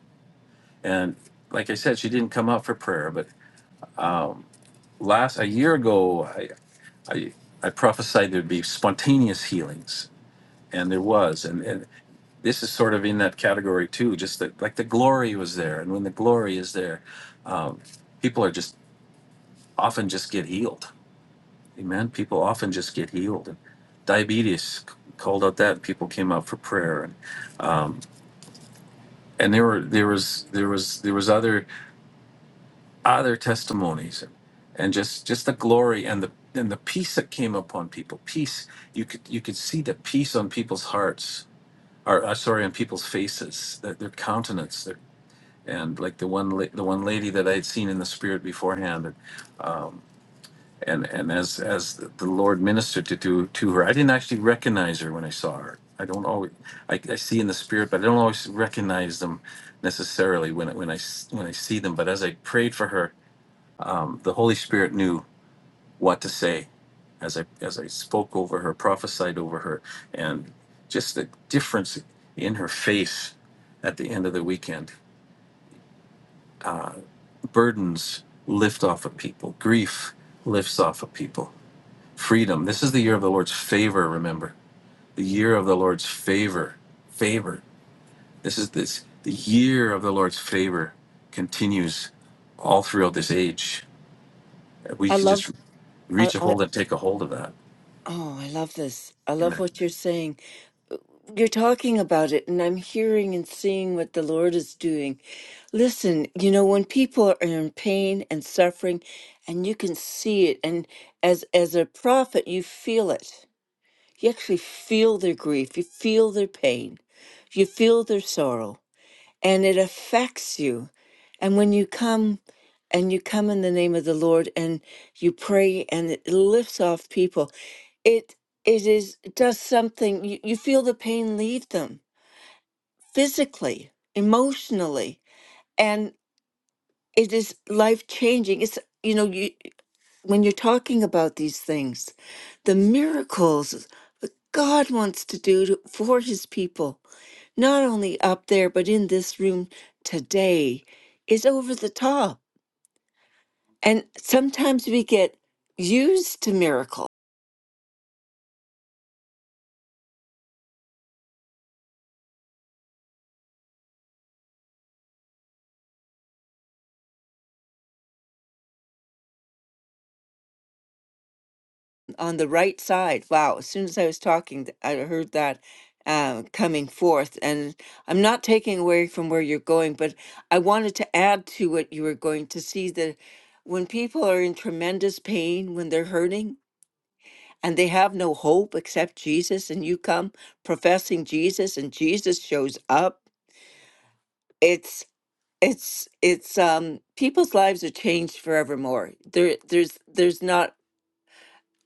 Speaker 2: And like I said, she didn't come out for prayer. But um, last a year ago, I, I I prophesied there'd be spontaneous healings, and there was. And, and this is sort of in that category too. Just that like the glory was there, and when the glory is there, um, people are just often just get healed. Amen. People often just get healed. And diabetes called out that and people came out for prayer, and um, and there were there was there was there was other other testimonies, and, and just just the glory and the and the peace that came upon people. Peace you could you could see the peace on people's hearts, or uh, sorry, on people's faces, their, their countenance, their and like the one la- the one lady that I had seen in the spirit beforehand. and and as as the Lord ministered to to, to her, I didn't actually recognize her when I saw her. I don't always I, I see in the spirit, but I don't always recognize them necessarily when when I- when I see them. But as I prayed for her, um, the Holy Spirit knew what to say as I as I spoke over her, prophesied over her, and just the difference in her face at the end of the weekend. Burdens lift off of people. Grief lifts off of people. Freedom. This is the year of the Lord's favor. Remember the year of the Lord's favor. Favor. This is this the year of the Lord's favor continues all throughout this age. We
Speaker 1: I
Speaker 2: can
Speaker 1: love
Speaker 2: just
Speaker 1: I,
Speaker 2: reach a
Speaker 1: I
Speaker 2: hold and take a hold of that.
Speaker 1: oh I love this. I love
Speaker 2: Amen.
Speaker 1: what you're saying. You're talking about it and I'm hearing and seeing what the Lord is doing. Listen, you know, when people are in pain and suffering and you can see it and as as a prophet you feel it. You actually feel their grief, you feel their pain, you feel their sorrow. and it affects you. And when you come and you come in the name of the Lord and you pray and it lifts off people, it it is does something you, you feel the pain leave them physically, emotionally, and it is life changing. It's you know, you when you're talking about these things, the miracles that God wants to do to, for his people not only up there, but in this room today, is over the top. And sometimes we get used to miracle on the right side. Wow, as soon as I was talking, th- I heard that uh, coming forth. And I'm not taking away from where you're going, but I wanted to add to what you were going to see that when people are in tremendous pain, when they're hurting, and they have no hope except Jesus, and you come professing Jesus, and Jesus shows up. It's it's it's um people's lives are changed forevermore there there's there's not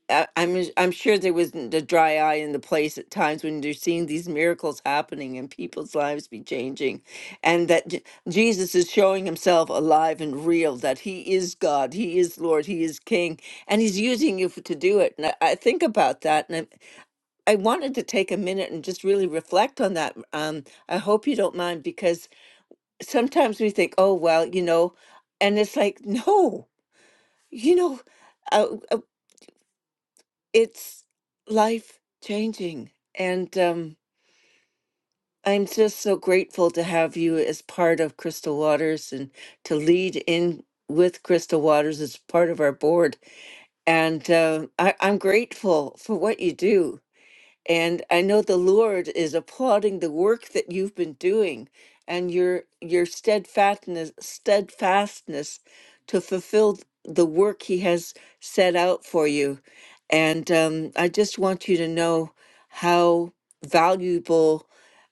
Speaker 1: I- I'm I'm sure there wasn't a dry eye in the place at times when you're seeing these miracles happening and people's lives be changing, and that J- Jesus is showing himself alive and real. That he is God, he is Lord, he is King, and he's using you f to do it. And I, I think about that, and I, I wanted to take a minute and just really reflect on that. Um, I hope you don't mind because sometimes we think, oh, well, you know, and it's like, no, you know, uh, uh, it's life changing. And um, I'm just so grateful to have you as part of Crystal Waters and to lead in with Crystal Waters as part of our board. And uh, I, I'm grateful for what you do And I know the Lord is applauding the work that you've been doing and your your steadfastness steadfastness to fulfill the work he has set out for you. And um, I just want you to know how valuable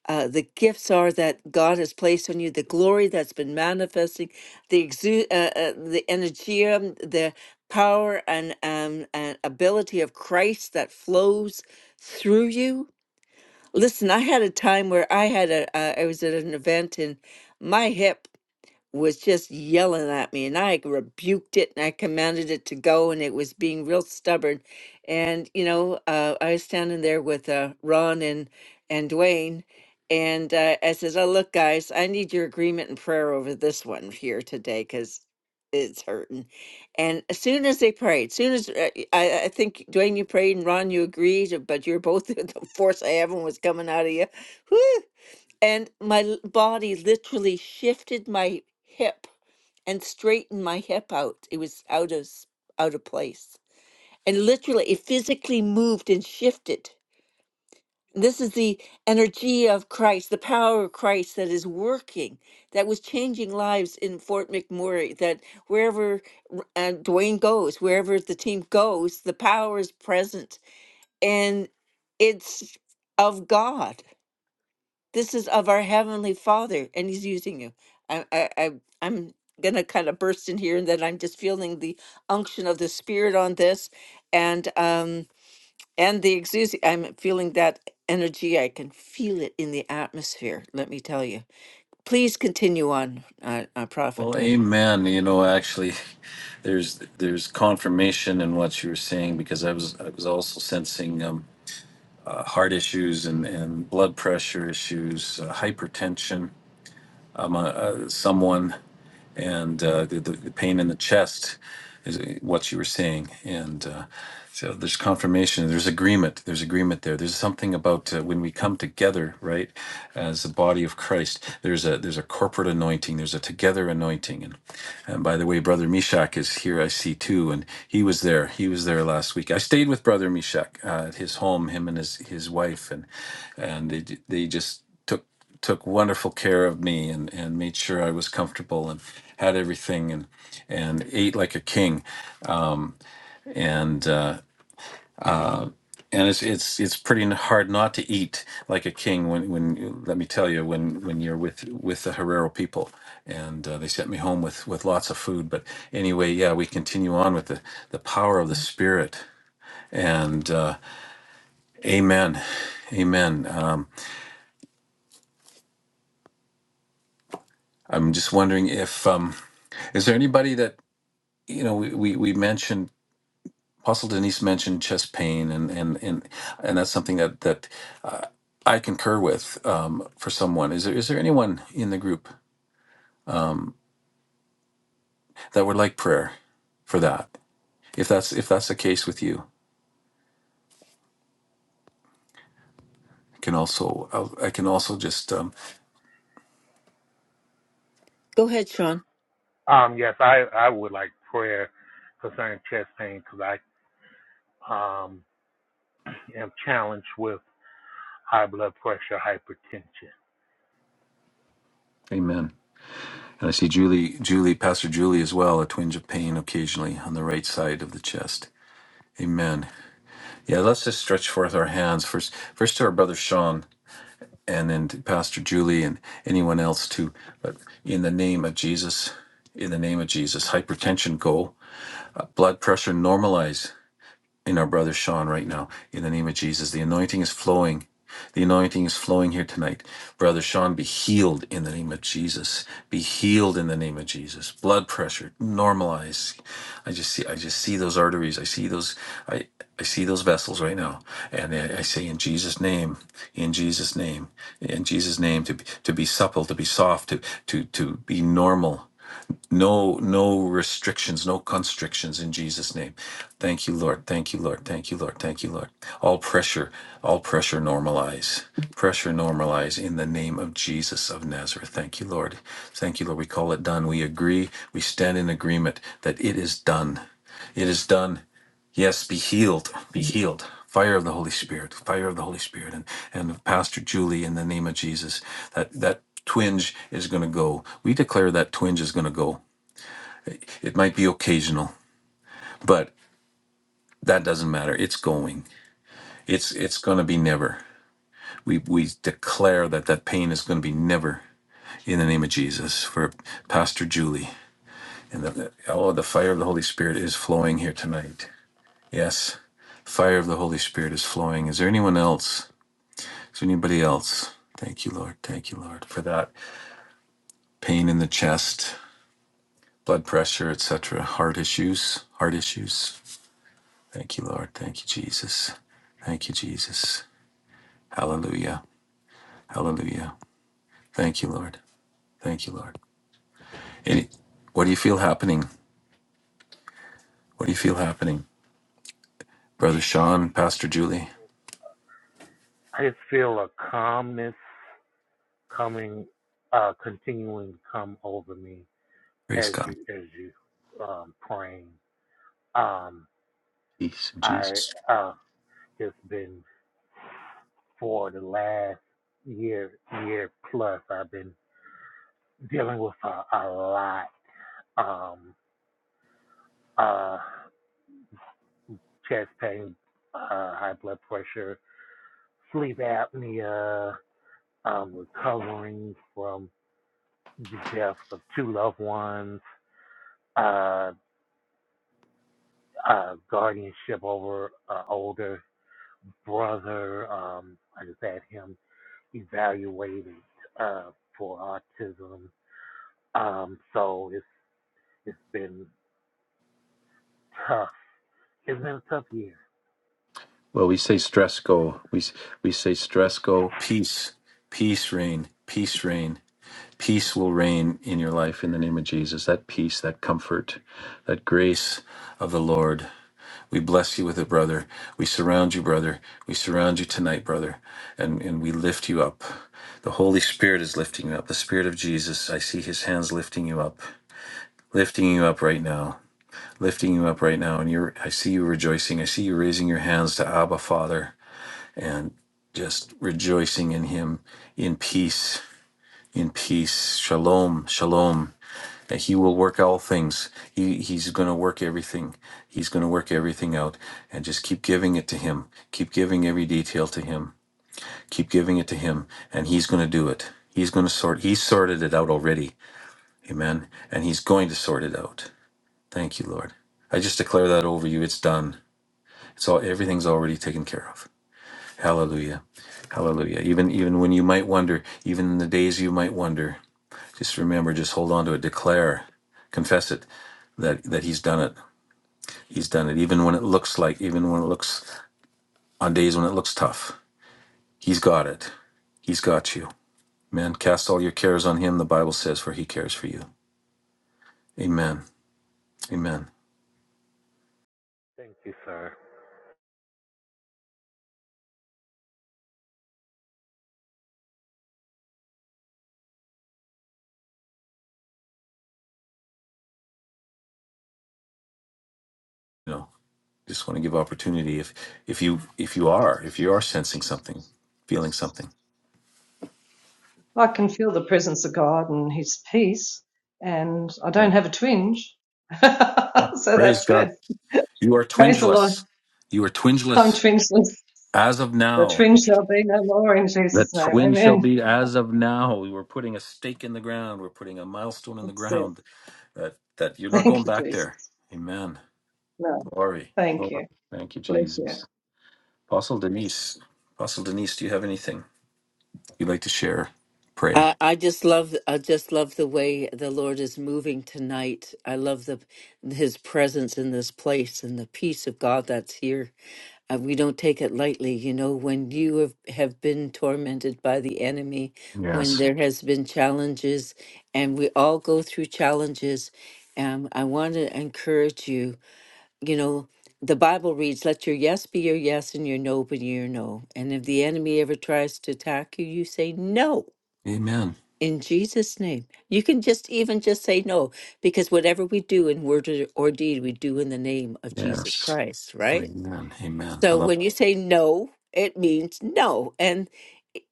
Speaker 1: uh, the gifts are that God has placed on you, the glory that's been manifesting, the exu- uh, uh, the energy, um, the power and, um, and ability of Christ that flows through you. Listen, I had a time where I had a, uh, I was at an event and my hip was just yelling at me and I rebuked it and I commanded it to go and it was being real stubborn. And you know, uh, I was standing there with uh, Ron and and Dwayne and uh, I said, "Oh look, guys, I need your agreement and prayer over this one here today because it's hurting." And as soon as they prayed, as soon as uh, I, I think Dwayne, you prayed and Ron, you agreed, but you're both *laughs* the force I have was coming out of you. Whew! and my l- body literally shifted my hip and straightened my hip out it was out of s- out of place and literally it physically moved and shifted this is the energy of christ the power of christ that is working that was changing lives in fort mcmurray that wherever r- uh, dwayne goes wherever the team goes the power is present and it's of god this is of our Heavenly Father, and He's using you. I, I, I I'm gonna kind of burst in here, and then I'm just feeling the unction of the Spirit on this, and um, and the exusi. I'm feeling that energy. I can feel it in the atmosphere. Let me tell you. Please continue on, uh, uh, Prophet
Speaker 2: Well,
Speaker 1: Dwayne.
Speaker 2: amen. You know, actually, there's there's confirmation in what you were saying because I was I was also sensing um, uh, heart issues and and blood pressure issues, uh, hypertension. I'm a, uh, someone. and uh, the, the the pain in the chest is what you were saying, And uh, so there's confirmation, there's agreement, there's agreement there. There's something about uh, when we come together, right, as the body of Christ. There's a there's a corporate anointing, there's a together anointing. And, and by the way, brother Mishak is here. I see too, and he was there. He was there last week. I stayed with brother Mishak uh, at his home, him and his his wife, and and they they just took took wonderful care of me and and made sure I was comfortable and had everything and and ate like a king and uh, and it's it's it's pretty hard not to eat like a king when when let me tell you when when you're with with the Herero people and uh, they sent me home with with lots of food but anyway yeah we continue on with the the power of the spirit and uh, amen amen um, i'm just wondering if um, is there anybody that you know, we, we, we mentioned Apostle Denise mentioned chest pain, and and and and that's something that that I concur with um, for someone. Is there is there anyone in the group that would like prayer for that? If that's if that's the case with you, I can also I'll, I can also just um,
Speaker 3: Um,
Speaker 1: Go ahead, Sean.
Speaker 3: um, yes, I, I would like prayer concerning chest pain because I um, am challenged with high blood pressure, hypertension.
Speaker 2: Amen. And I see Julie Julie Pastor Julie as well, a twinge of pain occasionally on the right side of the chest. Amen. Yeah, let's just stretch forth our hands first first to our brother Sean. and then to Pastor Julie and anyone else too. But in the name of Jesus, in the name of Jesus, hypertension go, blood pressure normalize, in our brother Sean right now. In the name of Jesus, the anointing is flowing. The anointing is flowing here tonight. Brother Sean, be healed in the name of Jesus. Be healed in the name of Jesus. Blood pressure normalize. I just see I just see those arteries. I see those I I see those vessels right now. And I, I say in Jesus name, in Jesus name, in Jesus name to be, to be supple, to be soft, to to to be normal no, no restrictions, no constrictions in Jesus' name. Thank you, Lord. Thank you, Lord. Thank you, Lord. Thank you, Lord. All pressure, all pressure normalize. Pressure normalize in the name of Jesus of Nazareth. Thank you, Lord. Thank you, Lord. We call it done. We agree. We stand in agreement that it is done. It is done. Yes, be healed, be healed. Fire of the Holy Spirit, fire of the Holy Spirit, and and Pastor Julie, in the name of Jesus, that that twinge is going to go. We declare that twinge is going to go. It might be occasional, but that doesn't matter. It's going. It's it's going to be never. We we declare that that pain is going to be never in the name of Jesus for Pastor Julie. And the, the- oh, the fire of the Holy Spirit is flowing here tonight. Yes, fire of the Holy Spirit is flowing. Is there anyone else? Is there anybody else? Thank you, Lord. Thank you, Lord, for that pain in the chest, blood pressure, etc., heart issues, heart issues. Thank you, Lord. Thank you, Jesus. Thank you, Jesus. Hallelujah. Hallelujah. Thank you, Lord. Thank you, Lord. Any, what do you feel happening? What do you feel happening? Brother
Speaker 3: Um,
Speaker 2: Sean, Pastor Julie,
Speaker 3: I just feel a calmness coming, uh, continuing to come over me
Speaker 2: praise
Speaker 3: as
Speaker 2: God.
Speaker 3: you as you um, praying. Um,
Speaker 2: Peace of
Speaker 3: I
Speaker 2: Jesus.
Speaker 3: uh, just been for the last year year plus. I've been dealing with a, a lot. Um, uh, chest pain, uh, high blood pressure, sleep apnea, um, recovering from the deaths of two loved ones, uh, uh, guardianship over uh, older brother. Um, I just had him evaluated uh, for autism. Um, so it's it's been tough. It's been a tough year.
Speaker 2: Well, we say stress go. We s- we say stress go. Peace, peace reign, peace reign. Peace will reign in your life in the name of Jesus. That peace, that comfort, that grace. of the Lord. We bless you with it, brother. We surround you, brother. We surround you tonight, brother. And, and we lift you up. The Holy Spirit is lifting you up. The Spirit of Jesus, I see his hands lifting you up, lifting you up right now, lifting you up right now. And you're, I see you rejoicing. I see you raising your hands to Abba, Father, and just rejoicing in him in peace, in peace. Shalom, shalom that he will work all things. He he's going to work everything. He's going to work everything out and just keep giving it to him. Keep giving every detail to him. Keep giving it to him and he's going to do it. He's going to sort he's sorted it out already. Amen. And he's going to sort it out. Thank you, Lord. I just declare that over you. It's done. It's all everything's already taken care of. Hallelujah. Hallelujah. Even even when you might wonder, even in the days you might wonder, just remember, just hold on to it, declare, confess it that that he's done it. He's done it even when it looks like even when it looks on days when it looks tough. He's got it. He's got you. Man, cast all your cares on him, the Bible says, for he cares for you. Amen. Amen.
Speaker 3: Thank you, sir.
Speaker 2: You know, just want to give opportunity if if you if you are, if you are sensing something, feeling something.
Speaker 4: I can feel the presence of God and His peace, and I
Speaker 2: Yeah.
Speaker 4: don't have a twinge. *laughs* so
Speaker 2: Yeah. Praise
Speaker 4: that's
Speaker 2: God.
Speaker 4: good.
Speaker 2: You are
Speaker 4: Praise the Lord.
Speaker 2: twingeless. You are
Speaker 4: I'm
Speaker 2: twingeless
Speaker 4: twingeless.
Speaker 2: as of
Speaker 4: The
Speaker 2: now.
Speaker 4: twinge shall be no more in
Speaker 2: The
Speaker 4: Jesus' name.
Speaker 2: twin shall
Speaker 4: Amen.
Speaker 2: be as of now. We We're putting a stake in the ground. We're putting a milestone in the
Speaker 4: That's it.
Speaker 2: ground that, that you're not
Speaker 4: Thank
Speaker 2: going
Speaker 4: you,
Speaker 2: back there.
Speaker 4: Jesus.
Speaker 2: Amen.
Speaker 4: No,
Speaker 2: Glory.
Speaker 4: thank
Speaker 2: Glory.
Speaker 4: you.
Speaker 2: Thank you,
Speaker 4: Bless you.
Speaker 2: Jesus. Apostle Denise. Apostle Denise, do you have anything you'd like to share? Pray.
Speaker 1: I, I just love I just love the way the Lord is moving tonight. I love the His presence in this place and the peace of God that's here uh, we don't take it lightly you know when you have, have been tormented by the enemy when
Speaker 2: Yes.
Speaker 1: there has been challenges and we all go through challenges um, i want to encourage you you know the bible reads let your yes be your yes and your no be your no and if the enemy ever tries to attack you you say no
Speaker 2: Amen.
Speaker 1: in jesus name you can just even just say no because whatever we do in word or or deed we do in the name of jesus
Speaker 2: Yes.
Speaker 1: christ right
Speaker 2: Amen. Amen. I
Speaker 1: so
Speaker 2: love
Speaker 1: when
Speaker 2: it.
Speaker 1: you say no, it means no. And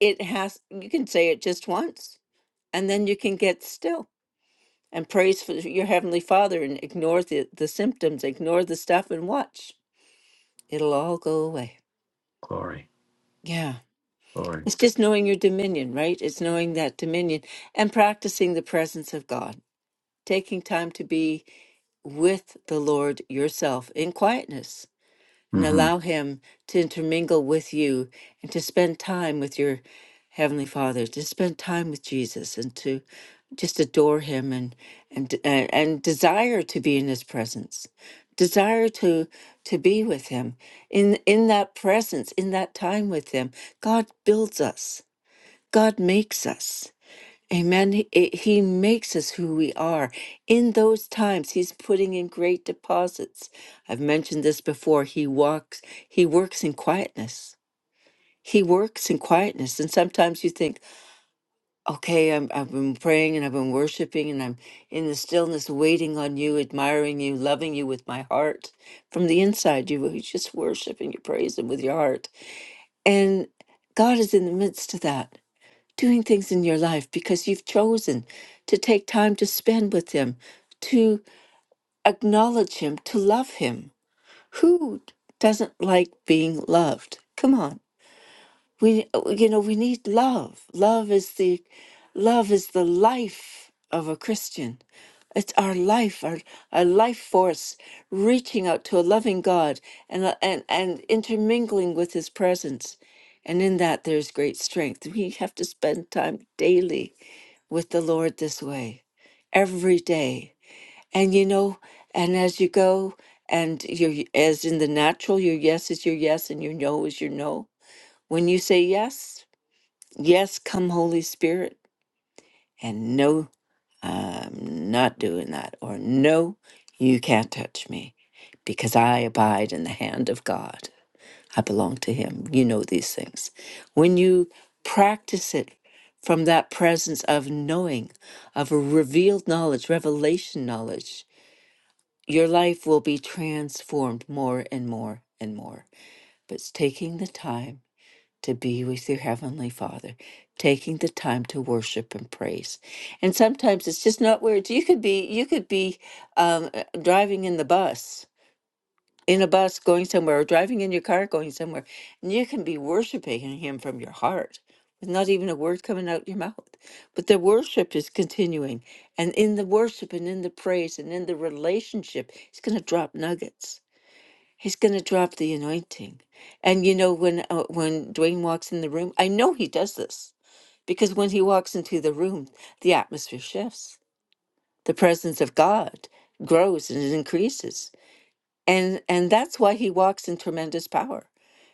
Speaker 1: it has, you can say it just once, and then you can get still and praise for your Heavenly Father and ignore the, the symptoms, ignore the stuff, and watch. It'll all go away.
Speaker 2: Glory.
Speaker 1: Yeah.
Speaker 2: Glory.
Speaker 1: It's just knowing your dominion, right? It's knowing that dominion and practicing the presence of God, taking time to be with the Lord yourself in quietness and
Speaker 2: Mm-hmm.
Speaker 1: allow Him to intermingle with you and to spend time with your Heavenly Father, to spend time with Jesus and to just adore Him and and and, and desire to be in His presence, desire to to be with Him in in that presence, in that time with Him. God builds us. God makes us. Amen. He, it- he makes us who we are. In those times, he's putting in great deposits. I've mentioned this before. He walks, he works in quietness. He works in quietness. And sometimes you think, okay, I'm, I've been praying and I've been worshiping and I'm in the stillness, waiting on you, admiring you, loving you with my heart. From the inside, you, you just worship and you praise him with your heart. And God is in the midst of that doing things in your life because you've chosen to take time to spend with Him, to acknowledge Him, to love Him. Who doesn't like being loved? Come on, we you know we need love. Love is the love is the life of a Christian. It's our life, our, our life force reaching out to a loving God and, uh, and, and intermingling with His presence. And in that, there's great strength. We have to spend time daily with the Lord this way every day. And you know, and as you go, and you're as in the natural, your yes is your yes, and your no is your no. When you say yes, yes, come Holy Spirit, and no, I'm not doing that, or no, you can't touch me, because I abide in the hand of God. I belong to Him. You know these things. When you practice it from that presence of knowing, of a revealed knowledge, revelation knowledge, your life will be transformed more and more and more. But it's taking the time to be with your Heavenly Father, taking the time to worship and praise. And sometimes it's just not words. You could be, you could be um, uh, driving in the bus in a bus going somewhere or driving in your car going somewhere and you can be worshiping him from your heart with not even a word coming out your mouth but the worship is continuing and in the worship and in the praise and in the relationship he's going to drop nuggets he's going to drop the anointing and you know when uh, when Dwayne walks in the room I know he does this because when he walks into the room, the atmosphere shifts. The presence of God grows and it increases and and that's why he walks in tremendous power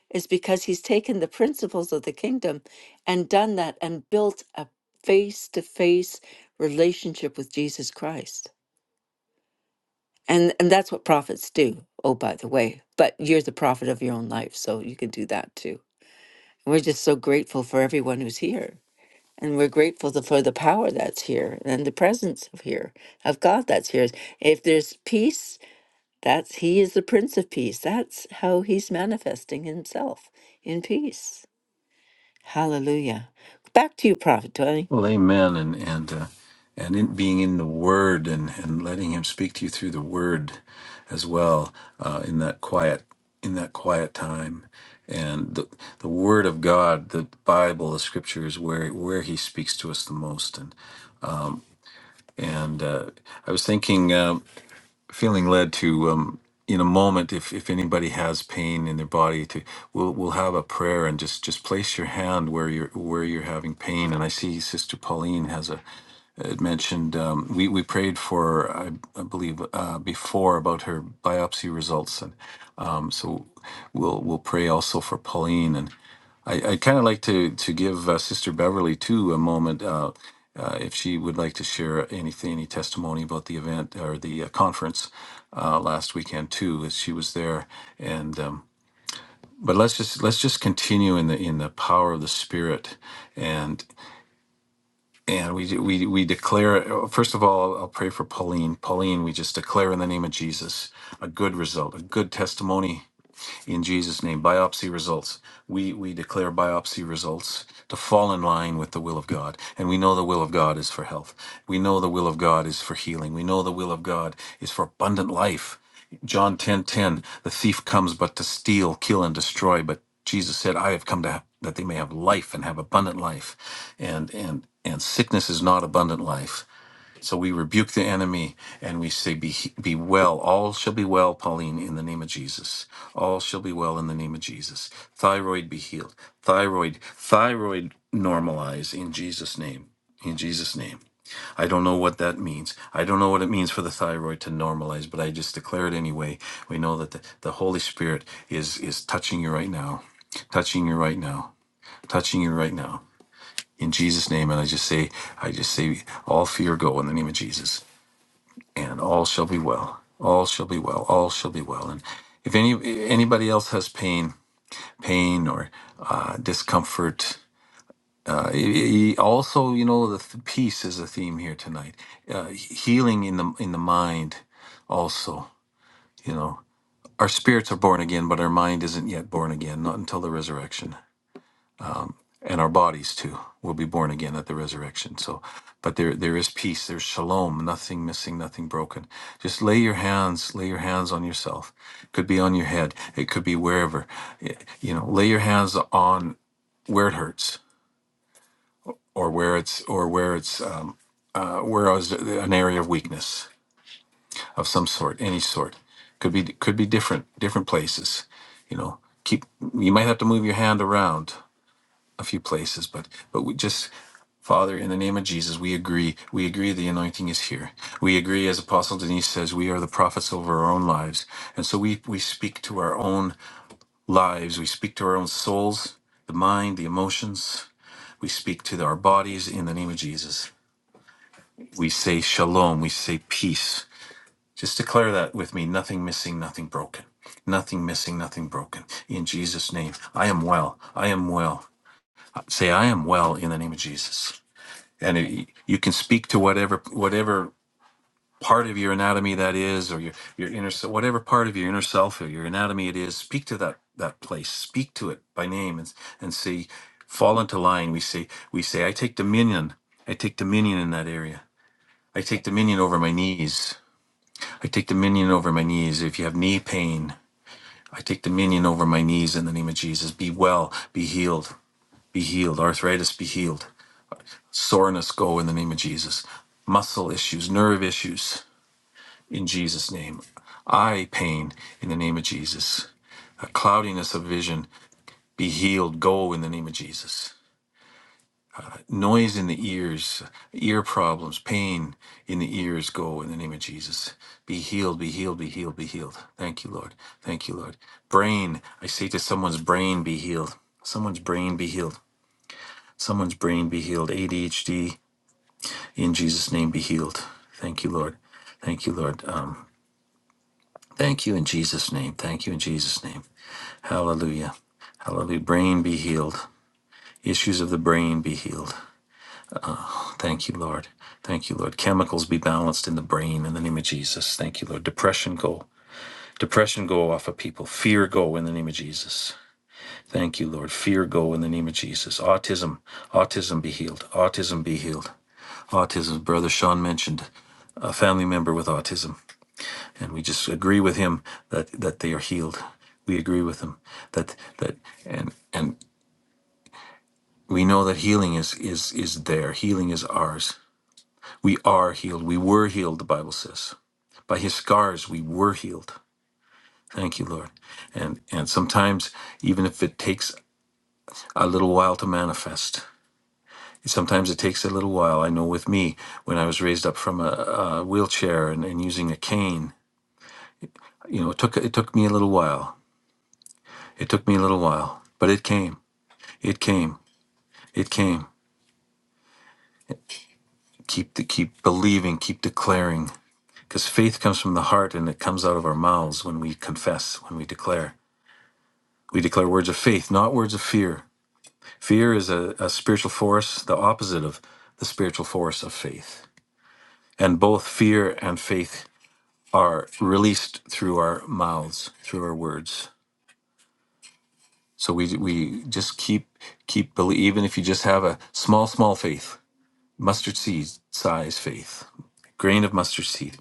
Speaker 1: is because he's taken the principles of the kingdom and done that and built a face-to-face relationship with jesus christ and and that's what prophets do oh by the way but you're the prophet of your own life so you can do that too we're just so grateful for everyone who's here and we're grateful th- for the power that's here and the presence of here of god that's here if there's peace That's he is the Prince of Peace. That's how he's manifesting himself in peace. Hallelujah. Back to you, Prophet Tony.
Speaker 2: Well, amen, and and uh, and in being in the Word and and letting Him speak to you through the Word as well uh, in that quiet in that quiet time, and the the Word of God, the Bible, the Scripture is where where He speaks to us the most. And and uh, I was thinking, um, feeling led to. Um, in a moment, if, if anybody has pain in their body, to we'll we'll have a prayer and just, just place your hand where you're where you're having pain. And I see Sister Pauline has a that mentioned um, we we prayed for I, I believe uh, before about her biopsy results, and um, so we'll we'll pray also for Pauline. And I I kind of like to to give uh, Sister Beverly too a moment. Uh, uh, if she would like to share anything, any testimony about the event or the uh, conference uh, last weekend too, as she was there, and um, but let's just let's just continue in the in the power of the Spirit, and. And we, we, we declare, first of all, I'll pray for Pauline. Pauline, we just declare in the name of Jesus a good result, a good testimony in Jesus' name. Biopsy results. We we declare biopsy results to fall in line with the will of God, and we know the will of God is for health. We know the will of God is for healing. We know the will of God is for abundant life. John 10 10, the thief comes but to steal, kill, and destroy. But Jesus said, I have come to have, that they may have life and have abundant life. And and and sickness is not abundant life. So we rebuke the enemy and we say, be, be well. All shall be well, Pauline, in the name of Jesus. All shall be well in the name of Jesus. Thyroid be healed. Thyroid, thyroid normalize in Jesus' name. In Jesus' name. I don't know what that means. I don't know what it means for the thyroid to normalize, but I just declare it anyway. We know that the, the Holy Spirit is is touching you right now. Touching you right now. Touching you right now. In Jesus' name. And I just say, I just say all fear go in the name of Jesus and all shall be well. All shall be well. All shall be well. And if any anybody else has pain, pain or uh, discomfort, uh, he- he- also you know the th- peace is a theme here tonight. Uh, healing in the in the mind, also you know. Our spirits are born again, but our mind isn't yet born again, not until the resurrection. and our bodies too will be born again at the resurrection so but there there is peace there's shalom nothing missing nothing broken just lay your hands lay your hands on yourself could be on your head it could be wherever Y- you know lay your hands on where it hurts or where it's or where it's um, uh, where is an area of weakness of some sort any sort could be could be different different places you know keep you might have to move your hand around a few places, but but we just Father, in the name of Jesus, we agree. We agree the anointing is here. We agree, as Apostle Denise says, we are the prophets over our own lives. And so we, we speak to our own lives. We speak to our own souls, the mind, the emotions. We speak to our bodies in the name of Jesus. We say shalom. We say peace. Just declare that with me nothing missing, nothing broken. Nothing missing, nothing broken. In Jesus' name, I am well. I am well. Say, I am well in the name of Jesus. and it, you can speak to whatever whatever part of your anatomy that is or your your inner se- whatever part of your inner self or your anatomy it is speak to that that place speak to it by name and and say fall into line we say we say i take dominion i take dominion in that area i take dominion over my knees i take dominion over my knees if you have knee pain i take dominion over my knees in the name of jesus be well be healed be healed arthritis be healed Soreness go in the name of Jesus. Muscle issues, nerve issues in Jesus' name. Eye pain in the name of Jesus. A cloudiness of vision be healed, go in the name of Jesus. Noise in the ears, ear problems, pain in the ears, go in the name of Jesus. Be healed, be healed, be healed, be healed. Thank you, Lord. Thank you, Lord. Brain, I say to someone's brain, be healed. Someone's brain be healed. Someone's brain be healed. ADHD, In Jesus' name, be healed. Thank you, Lord. Thank you, Lord. Um, thank you in Jesus' name. Thank you in Jesus' name. Hallelujah. Hallelujah. Brain be healed. Issues of the brain be healed. Thank you, Lord. Thank you, Lord. Chemicals be balanced in the brain in the name of Jesus. Thank you, Lord. Depression go. Depression go off of people. Fear go in the name of Jesus. Thank you, Lord. Fear go in the name of Jesus. Autism, autism be healed. Autism be healed. Autism. Brother Sean mentioned a family member with autism. and we just agree with him that that they are healed. We agree with him that that and and we know that healing is is is there. Healing is ours. We are healed. We were healed. The Bible says by His scars we were healed. Thank you, Lord. And and sometimes even if it takes a little while to manifest. Sometimes it takes a little while. I know with me, when I was raised up from a, a wheelchair and, and using a cane, you know, it took it took me a little while. It took me a little while, but it came. It came. It came. Keep the, keep believing, keep declaring because faith comes from the heart and it comes out of our mouths when we confess, when we declare. We declare words of faith, not words of fear. Fear is a, a spiritual force, the opposite of the spiritual force of faith. And both fear and faith are released through our mouths, through our words. So we we just keep keep believe even if you just have a small small faith, mustard seed size faith, grain of mustard seed.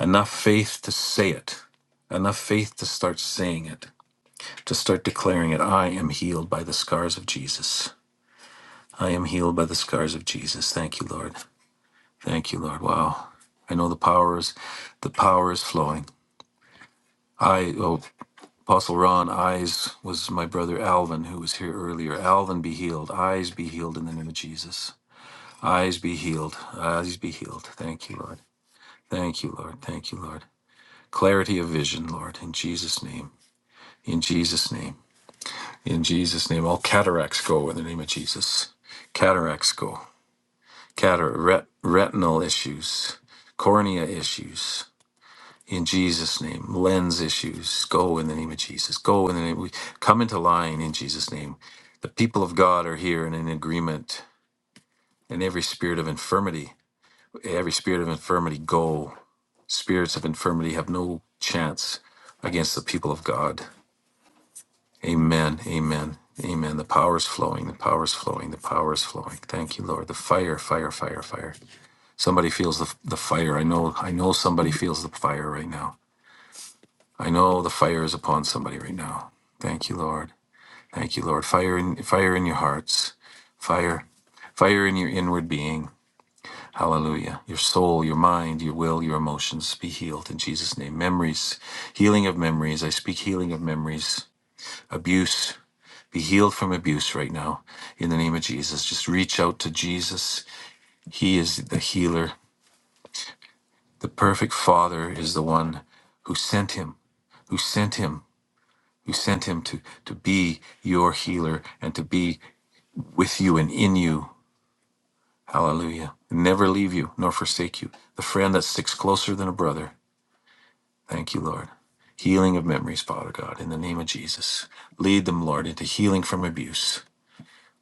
Speaker 2: enough faith to say it, enough faith to start saying it, to start declaring it. I am healed by the scars of Jesus. I am healed by the scars of Jesus. Thank you, Lord. Thank you, Lord. Wow. I know the power is the power is flowing. I oh Apostle Ron Eyes was my brother Alvin who was here earlier. Alvin be healed. Eyes be healed in the name of Jesus. Eyes be healed. Eyes be healed. Thank you, Lord. Thank you, Lord. Thank you, Lord. Clarity of vision, Lord, in Jesus' name. In Jesus' name. In Jesus' name. All cataracts go in the name of Jesus. Cataracts go. Catar- ret- retinal issues, cornea issues. In Jesus' name. Lens issues go in the name of Jesus. Go in the name. We come into line in Jesus' name. The people of God are here and in agreement. And every spirit of infirmity, every spirit of infirmity, go. Spirits of infirmity have no chance against the people of God. Amen. Amen. Amen. The power is flowing. The power is flowing. The power is flowing. Thank you, Lord. The fire, fire, fire, fire. Somebody feels the, the fire. I know, I know somebody feels the fire right now. I know the fire is upon somebody right now. Thank you, Lord. Thank you, Lord. Fire in fire in your hearts. Fire. Fire in your inward being. Hallelujah. Your soul, your mind, your will, your emotions be healed in Jesus' name. Memories, healing of memories. I speak healing of memories. Abuse. be healed from abuse right now in the name of Jesus. Just reach out to Jesus. He is the healer. The perfect Father is the one who sent him, who sent him, who sent him to, to be your healer and to be with you and in you. Hallelujah. Never leave you nor forsake you. The friend that sticks closer than a brother. Thank you, Lord. Healing of memories, Father God, in the name of Jesus. Lead them, Lord, into healing from abuse.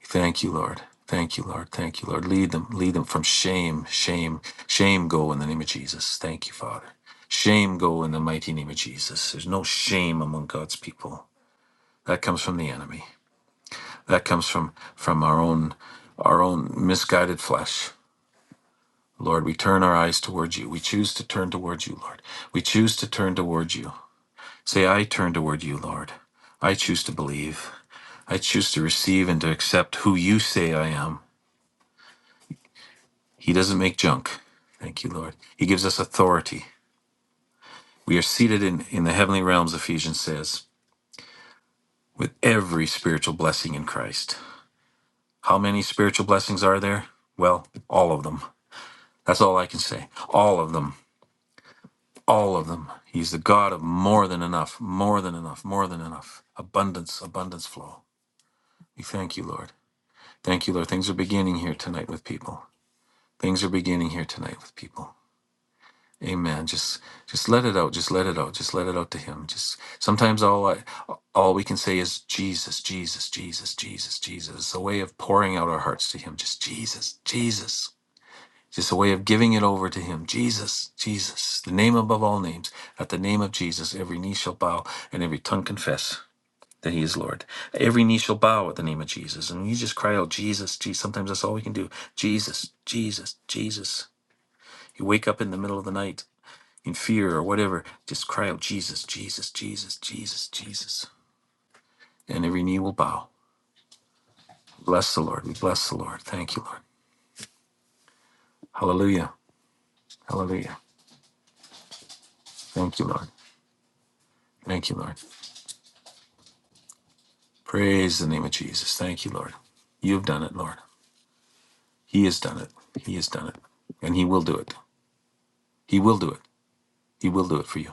Speaker 2: Thank you, Lord. Thank you, Lord. Thank you, Lord. Lead them, lead them from shame, shame, shame go in the name of Jesus. Thank you, Father. Shame go in the mighty name of Jesus. There's no shame among God's people. That comes from the enemy. That comes from from our own our own misguided flesh. Lord, we turn our eyes towards you. We choose to turn towards you, Lord. We choose to turn towards you. Say, I turn toward you, Lord. I choose to believe. I choose to receive and to accept who you say I am. He doesn't make junk. Thank you, Lord. He gives us authority. We are seated in, in the heavenly realms, Ephesians says, with every spiritual blessing in Christ. How many spiritual blessings are there? Well, all of them. That's all I can say. All of them. All of them. He's the God of more than enough, more than enough, more than enough. Abundance, abundance flow. We thank you, Lord. Thank you, Lord. Things are beginning here tonight with people. Things are beginning here tonight with people. Amen. Just just let it out. Just let it out. Just let it out to him. Just sometimes all I, all we can say is Jesus, Jesus, Jesus, Jesus, Jesus. It's a way of pouring out our hearts to him. Just Jesus, Jesus. Just a way of giving it over to him. Jesus, Jesus. The name above all names. At the name of Jesus, every knee shall bow and every tongue confess that he is Lord. Every knee shall bow at the name of Jesus. And you just cry out, Jesus, Jesus. Sometimes that's all we can do. Jesus, Jesus, Jesus. You wake up in the middle of the night in fear or whatever, just cry out, Jesus, Jesus, Jesus, Jesus, Jesus. And every knee will bow. Bless the Lord. We bless the Lord. Thank you, Lord. Hallelujah. Hallelujah. Thank you, Lord. Thank you, Lord. Praise the name of Jesus. Thank you, Lord. You have done it, Lord. He has done it. He has done it. And He will do it. He will do it. He will do it for you.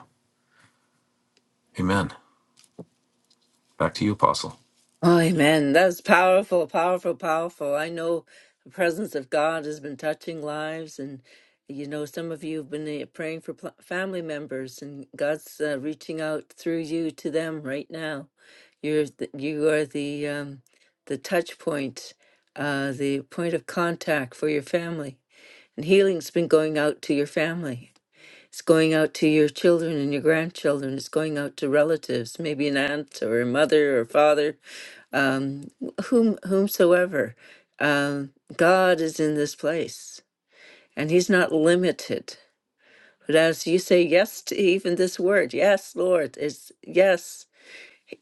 Speaker 2: Amen. Back to you, Apostle.
Speaker 1: Amen. That's powerful, powerful, powerful. I know the presence of God has been touching lives, and you know, some of you have been uh, praying for pl- family members, and God's uh, reaching out through you to them right now. You're the, you are the um, the touch point, uh, the point of contact for your family. And healing's been going out to your family. It's going out to your children and your grandchildren. It's going out to relatives, maybe an aunt or a mother or father, um, whom whomsoever. Um, God is in this place, and He's not limited. But as you say yes to even this word, yes, Lord, it's yes.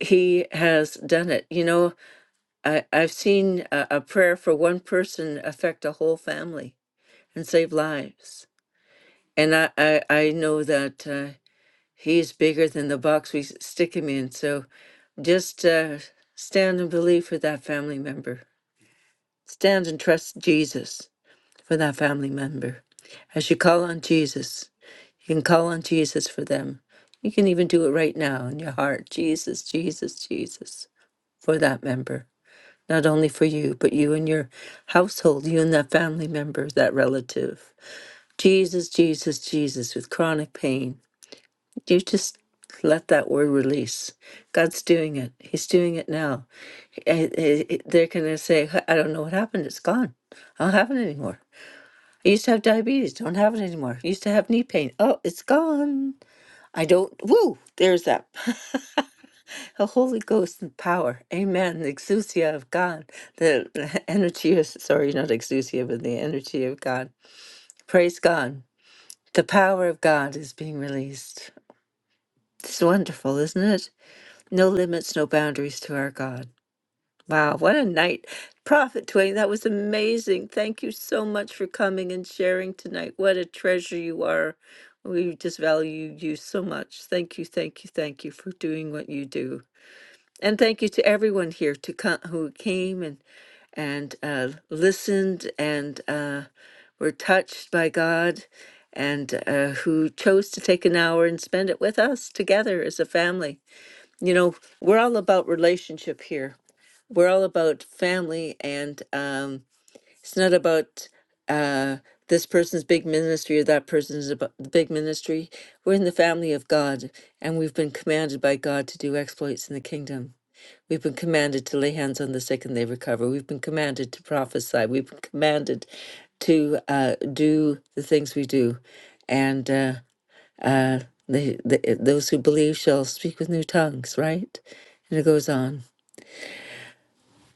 Speaker 1: He has done it. You know, I, I've seen a, a prayer for one person affect a whole family and save lives. And I, I, I know that uh, he's bigger than the box we s- stick him in. So just uh, stand and believe for that family member. Stand and trust Jesus for that family member. As you call on Jesus, you can call on Jesus for them. You can even do it right now in your heart Jesus, Jesus, Jesus for that member. Not only for you, but you and your household, you and that family member, that relative. Jesus, Jesus, Jesus with chronic pain. You just let that word release. God's doing it. He's doing it now. Eh, eh, eh, They're going to say, "Huh, I don't know what happened. It's gone. I don't have it anymore. I used to have diabetes. Don't have it anymore. I used to have knee pain. Oh, it's gone. I don't. Woo! There's that. *laughs* the Holy Ghost and power. Amen. The exousia of God. The *laughs* the energy of, sorry, not exousia, but the energy of God. Praise God. The power of God is being released. It's wonderful, isn't it? No limits, no boundaries to our God. Wow, what a night. Prophet Twain, that was amazing. Thank you so much for coming and sharing tonight. What a treasure you are. We just value you so much. Thank you, thank you, thank you for doing what you do. And thank you to everyone here to come, who came and and uh, listened and uh, were touched by God and uh, who chose to take an hour and spend it with us together as a family you know, we're all about relationship here. We're all about family, and um, it's not about uh, this person's big ministry or that person's abo- big ministry. We're in the family of God, and we've been commanded by God to do exploits in the kingdom. We've been commanded to lay hands on the sick and they recover. We've been commanded to prophesy. We've been commanded to uh, do the things we do. And uh, uh, they, they, those who believe shall speak with new tongues, right? And it goes on.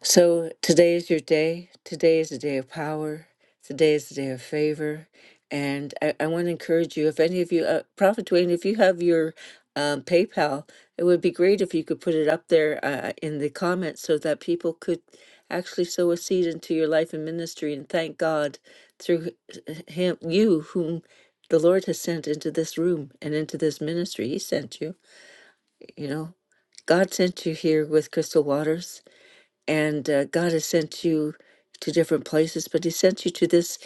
Speaker 1: So today is your day. Today is a day of power. Today is a day of favor. And I, I want to encourage you, if any of you, uh, Prophet Dwayne, if you have your um, PayPal, it would be great if you could put it up there uh, in the comments so that people could actually sow a seed into your life and ministry and thank God through h- him, you whom the Lord has sent into this room and into this ministry. He sent you, you know. God sent you here with Crystal Waters and uh, God has sent you to different places, but He sent you to this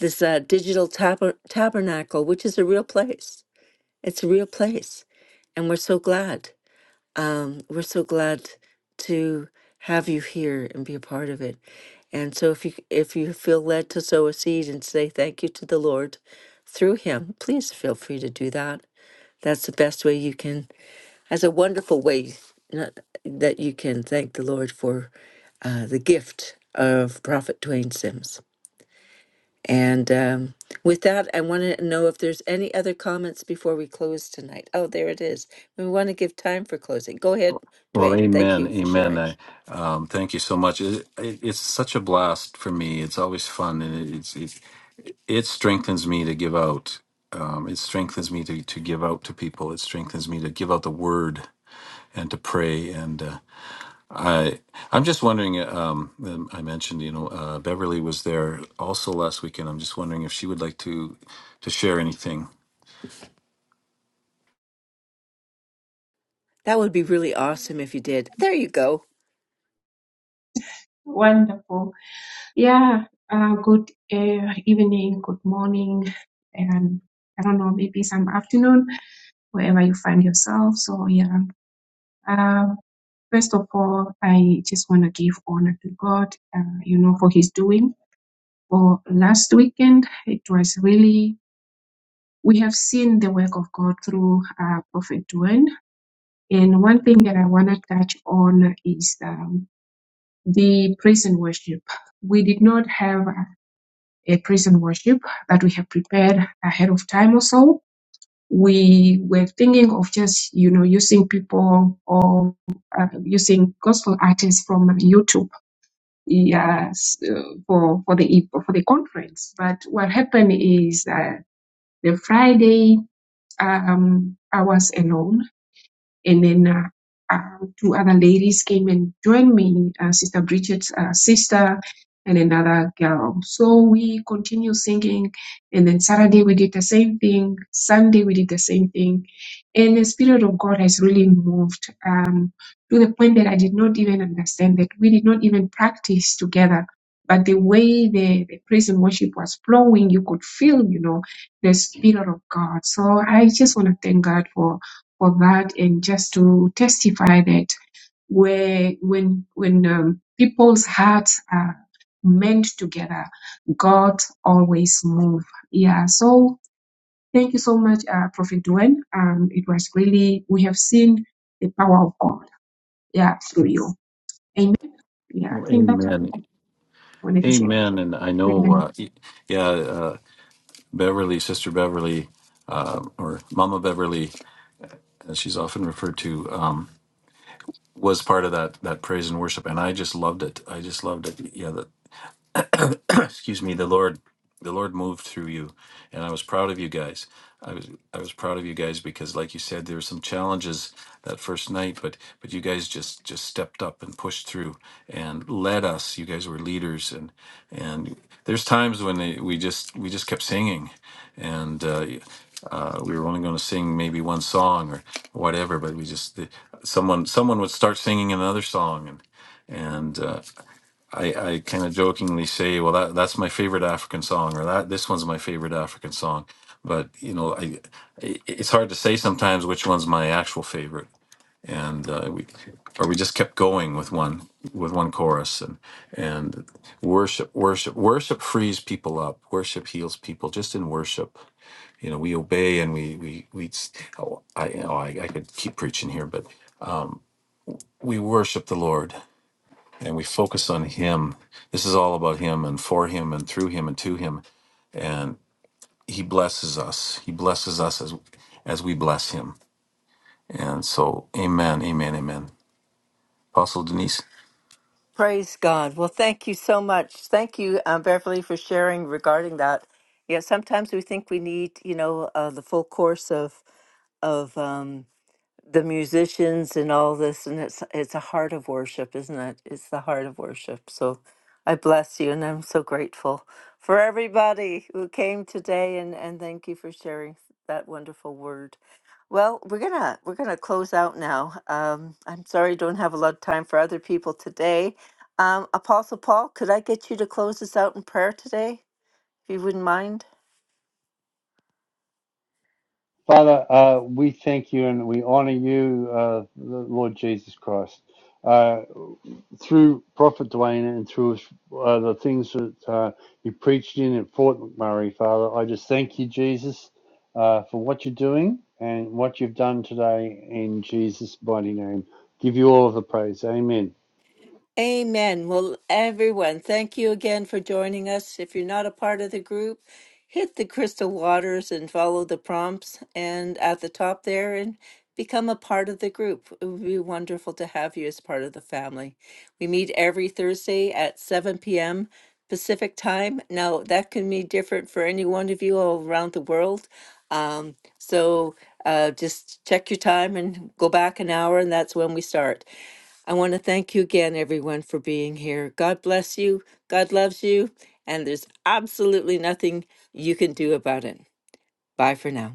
Speaker 1: this uh, digital taber- tabernacle, which is a real place. It's a real place, and we're so glad. Um, we're so glad to have you here and be a part of it. And so, if you if you feel led to sow a seed and say thank you to the Lord through Him, please feel free to do that. That's the best way you can that's a wonderful way not, that you can thank the Lord for uh, the gift of Prophet Dwayne Sims. And um, with that, I want to know if there's any other comments before we close tonight. Oh, there it is. We want to give time for closing. Go ahead,
Speaker 2: Well,
Speaker 1: Dwayne. Thank
Speaker 2: amen,
Speaker 1: you for
Speaker 2: amen.
Speaker 1: sharing.
Speaker 2: I, um, thank you so much. It, it, it's such a blast for me. It's always fun, and it, it's it, it strengthens me to give out. Um, it strengthens me to, to give out to people. It strengthens me to give out the word and to pray. And uh, I I'm just wondering. Um, um, I mentioned you know uh, Beverly was there also last weekend. I'm just wondering if she would like to to share anything.
Speaker 1: That would be really awesome if you did. There you go.
Speaker 5: Wonderful. Yeah. Uh, good uh, evening, good morning, and I don't know, maybe some afternoon, wherever you find yourself. So, yeah. Um, first of all, I just want to give honor to God, uh, you know, for His doing. For last weekend, it was really, we have seen the work of God through uh, Prophet Duane. And one thing that I want to touch on is um, the praise and worship. We did not have a praise and worship that we have prepared ahead of time or so. We were thinking of just, you know, using people or uh, using gospel artists from YouTube yes, uh, for, for the e-, for the conference. But what happened is uh, the Friday um, hours alone. And then uh, um, two other ladies came and joined me, uh, Sister Bridget's uh, sister and another girl. So we continue singing. And then Saturday we did the same thing. Sunday we did the same thing. And the Spirit of God has really moved um, to the point that I did not even understand that we did not even practice together. But the way the, the praise and worship was flowing, you could feel, you know, the Spirit of God. So I just want to thank God for for that and just to testify that where when when um, people's hearts are meant together, God always move. Yeah. So thank you so much, uh, Prophet Dwayne. Um, it was really we have seen the power of God. Yeah, through you. Amen. Yeah, I
Speaker 2: Well,
Speaker 5: think that's all
Speaker 2: amen.
Speaker 5: I wanted to share.
Speaker 2: Amen. And I know,
Speaker 5: Amen.
Speaker 2: uh, y- yeah, Beverly, Sister Beverly, uh, or Mama Beverly, as she's often referred to, um, was part of that that praise and worship, and I just loved it. I just loved it. Yeah, the, *clears throat* excuse me, the Lord, the Lord moved through you, and I was proud of you guys. I was I was proud of you guys because, like you said, there were some challenges that first night, but but you guys just just stepped up and pushed through and led us. You guys were leaders, and and there's times when they, we just we just kept singing, and uh, uh, we were only going to sing maybe one song or whatever, but we just the- someone someone would start singing another song, and and uh, I, I kind of jokingly say, well, that that's my favorite African song, or that this one's my favorite African song. But you know, I i- it's hard to say sometimes which one's my actual favorite, and uh, we or we just kept going with one with one chorus and and worship worship worship frees people up worship heals people just in worship you know we obey and we we we oh, I, oh, I I could keep preaching here but um, we worship the Lord and we focus on him this is all about him and for him and through him and to him and he blesses us he blesses us as as we bless him and so amen amen amen apostle denise
Speaker 1: Praise God. Well, thank you so much. Thank you, um, Beverly, for sharing regarding that. Yeah, sometimes we think we need, you know, uh, the full course of of um, the musicians and all this and it's it's a heart of worship isn't it it's the heart of worship so i bless you and i'm so grateful for everybody who came today and and thank you for sharing that wonderful word well we're gonna we're gonna close out now um i'm sorry i don't have a lot of time for other people today um apostle paul could i get you to close us out in prayer today if you wouldn't mind
Speaker 6: Father, uh, we thank you and we honor you, uh, Lord Jesus Christ. Uh, through Prophet Dwayne and through uh, the things that uh, you preached in at Fort McMurray, Father, I just thank you, Jesus, uh, for what you're doing and what you've done today in Jesus' mighty name. Give you all of the praise. Amen.
Speaker 1: Amen. Well, everyone, thank you again for joining us. If you're not a part of the group, hit the crystal waters and follow the prompts and at the top there and become a part of the group. It would be wonderful to have you as part of the family. We meet every Thursday at 7 p.m. Pacific time. Now, that can be different for any one of you all around the world. Um, so uh, just check your time and go back an hour, and that's when we start. I want to thank you again, everyone, for being here. God bless you. God loves you. And there's absolutely nothing you can do about it. Bye for now.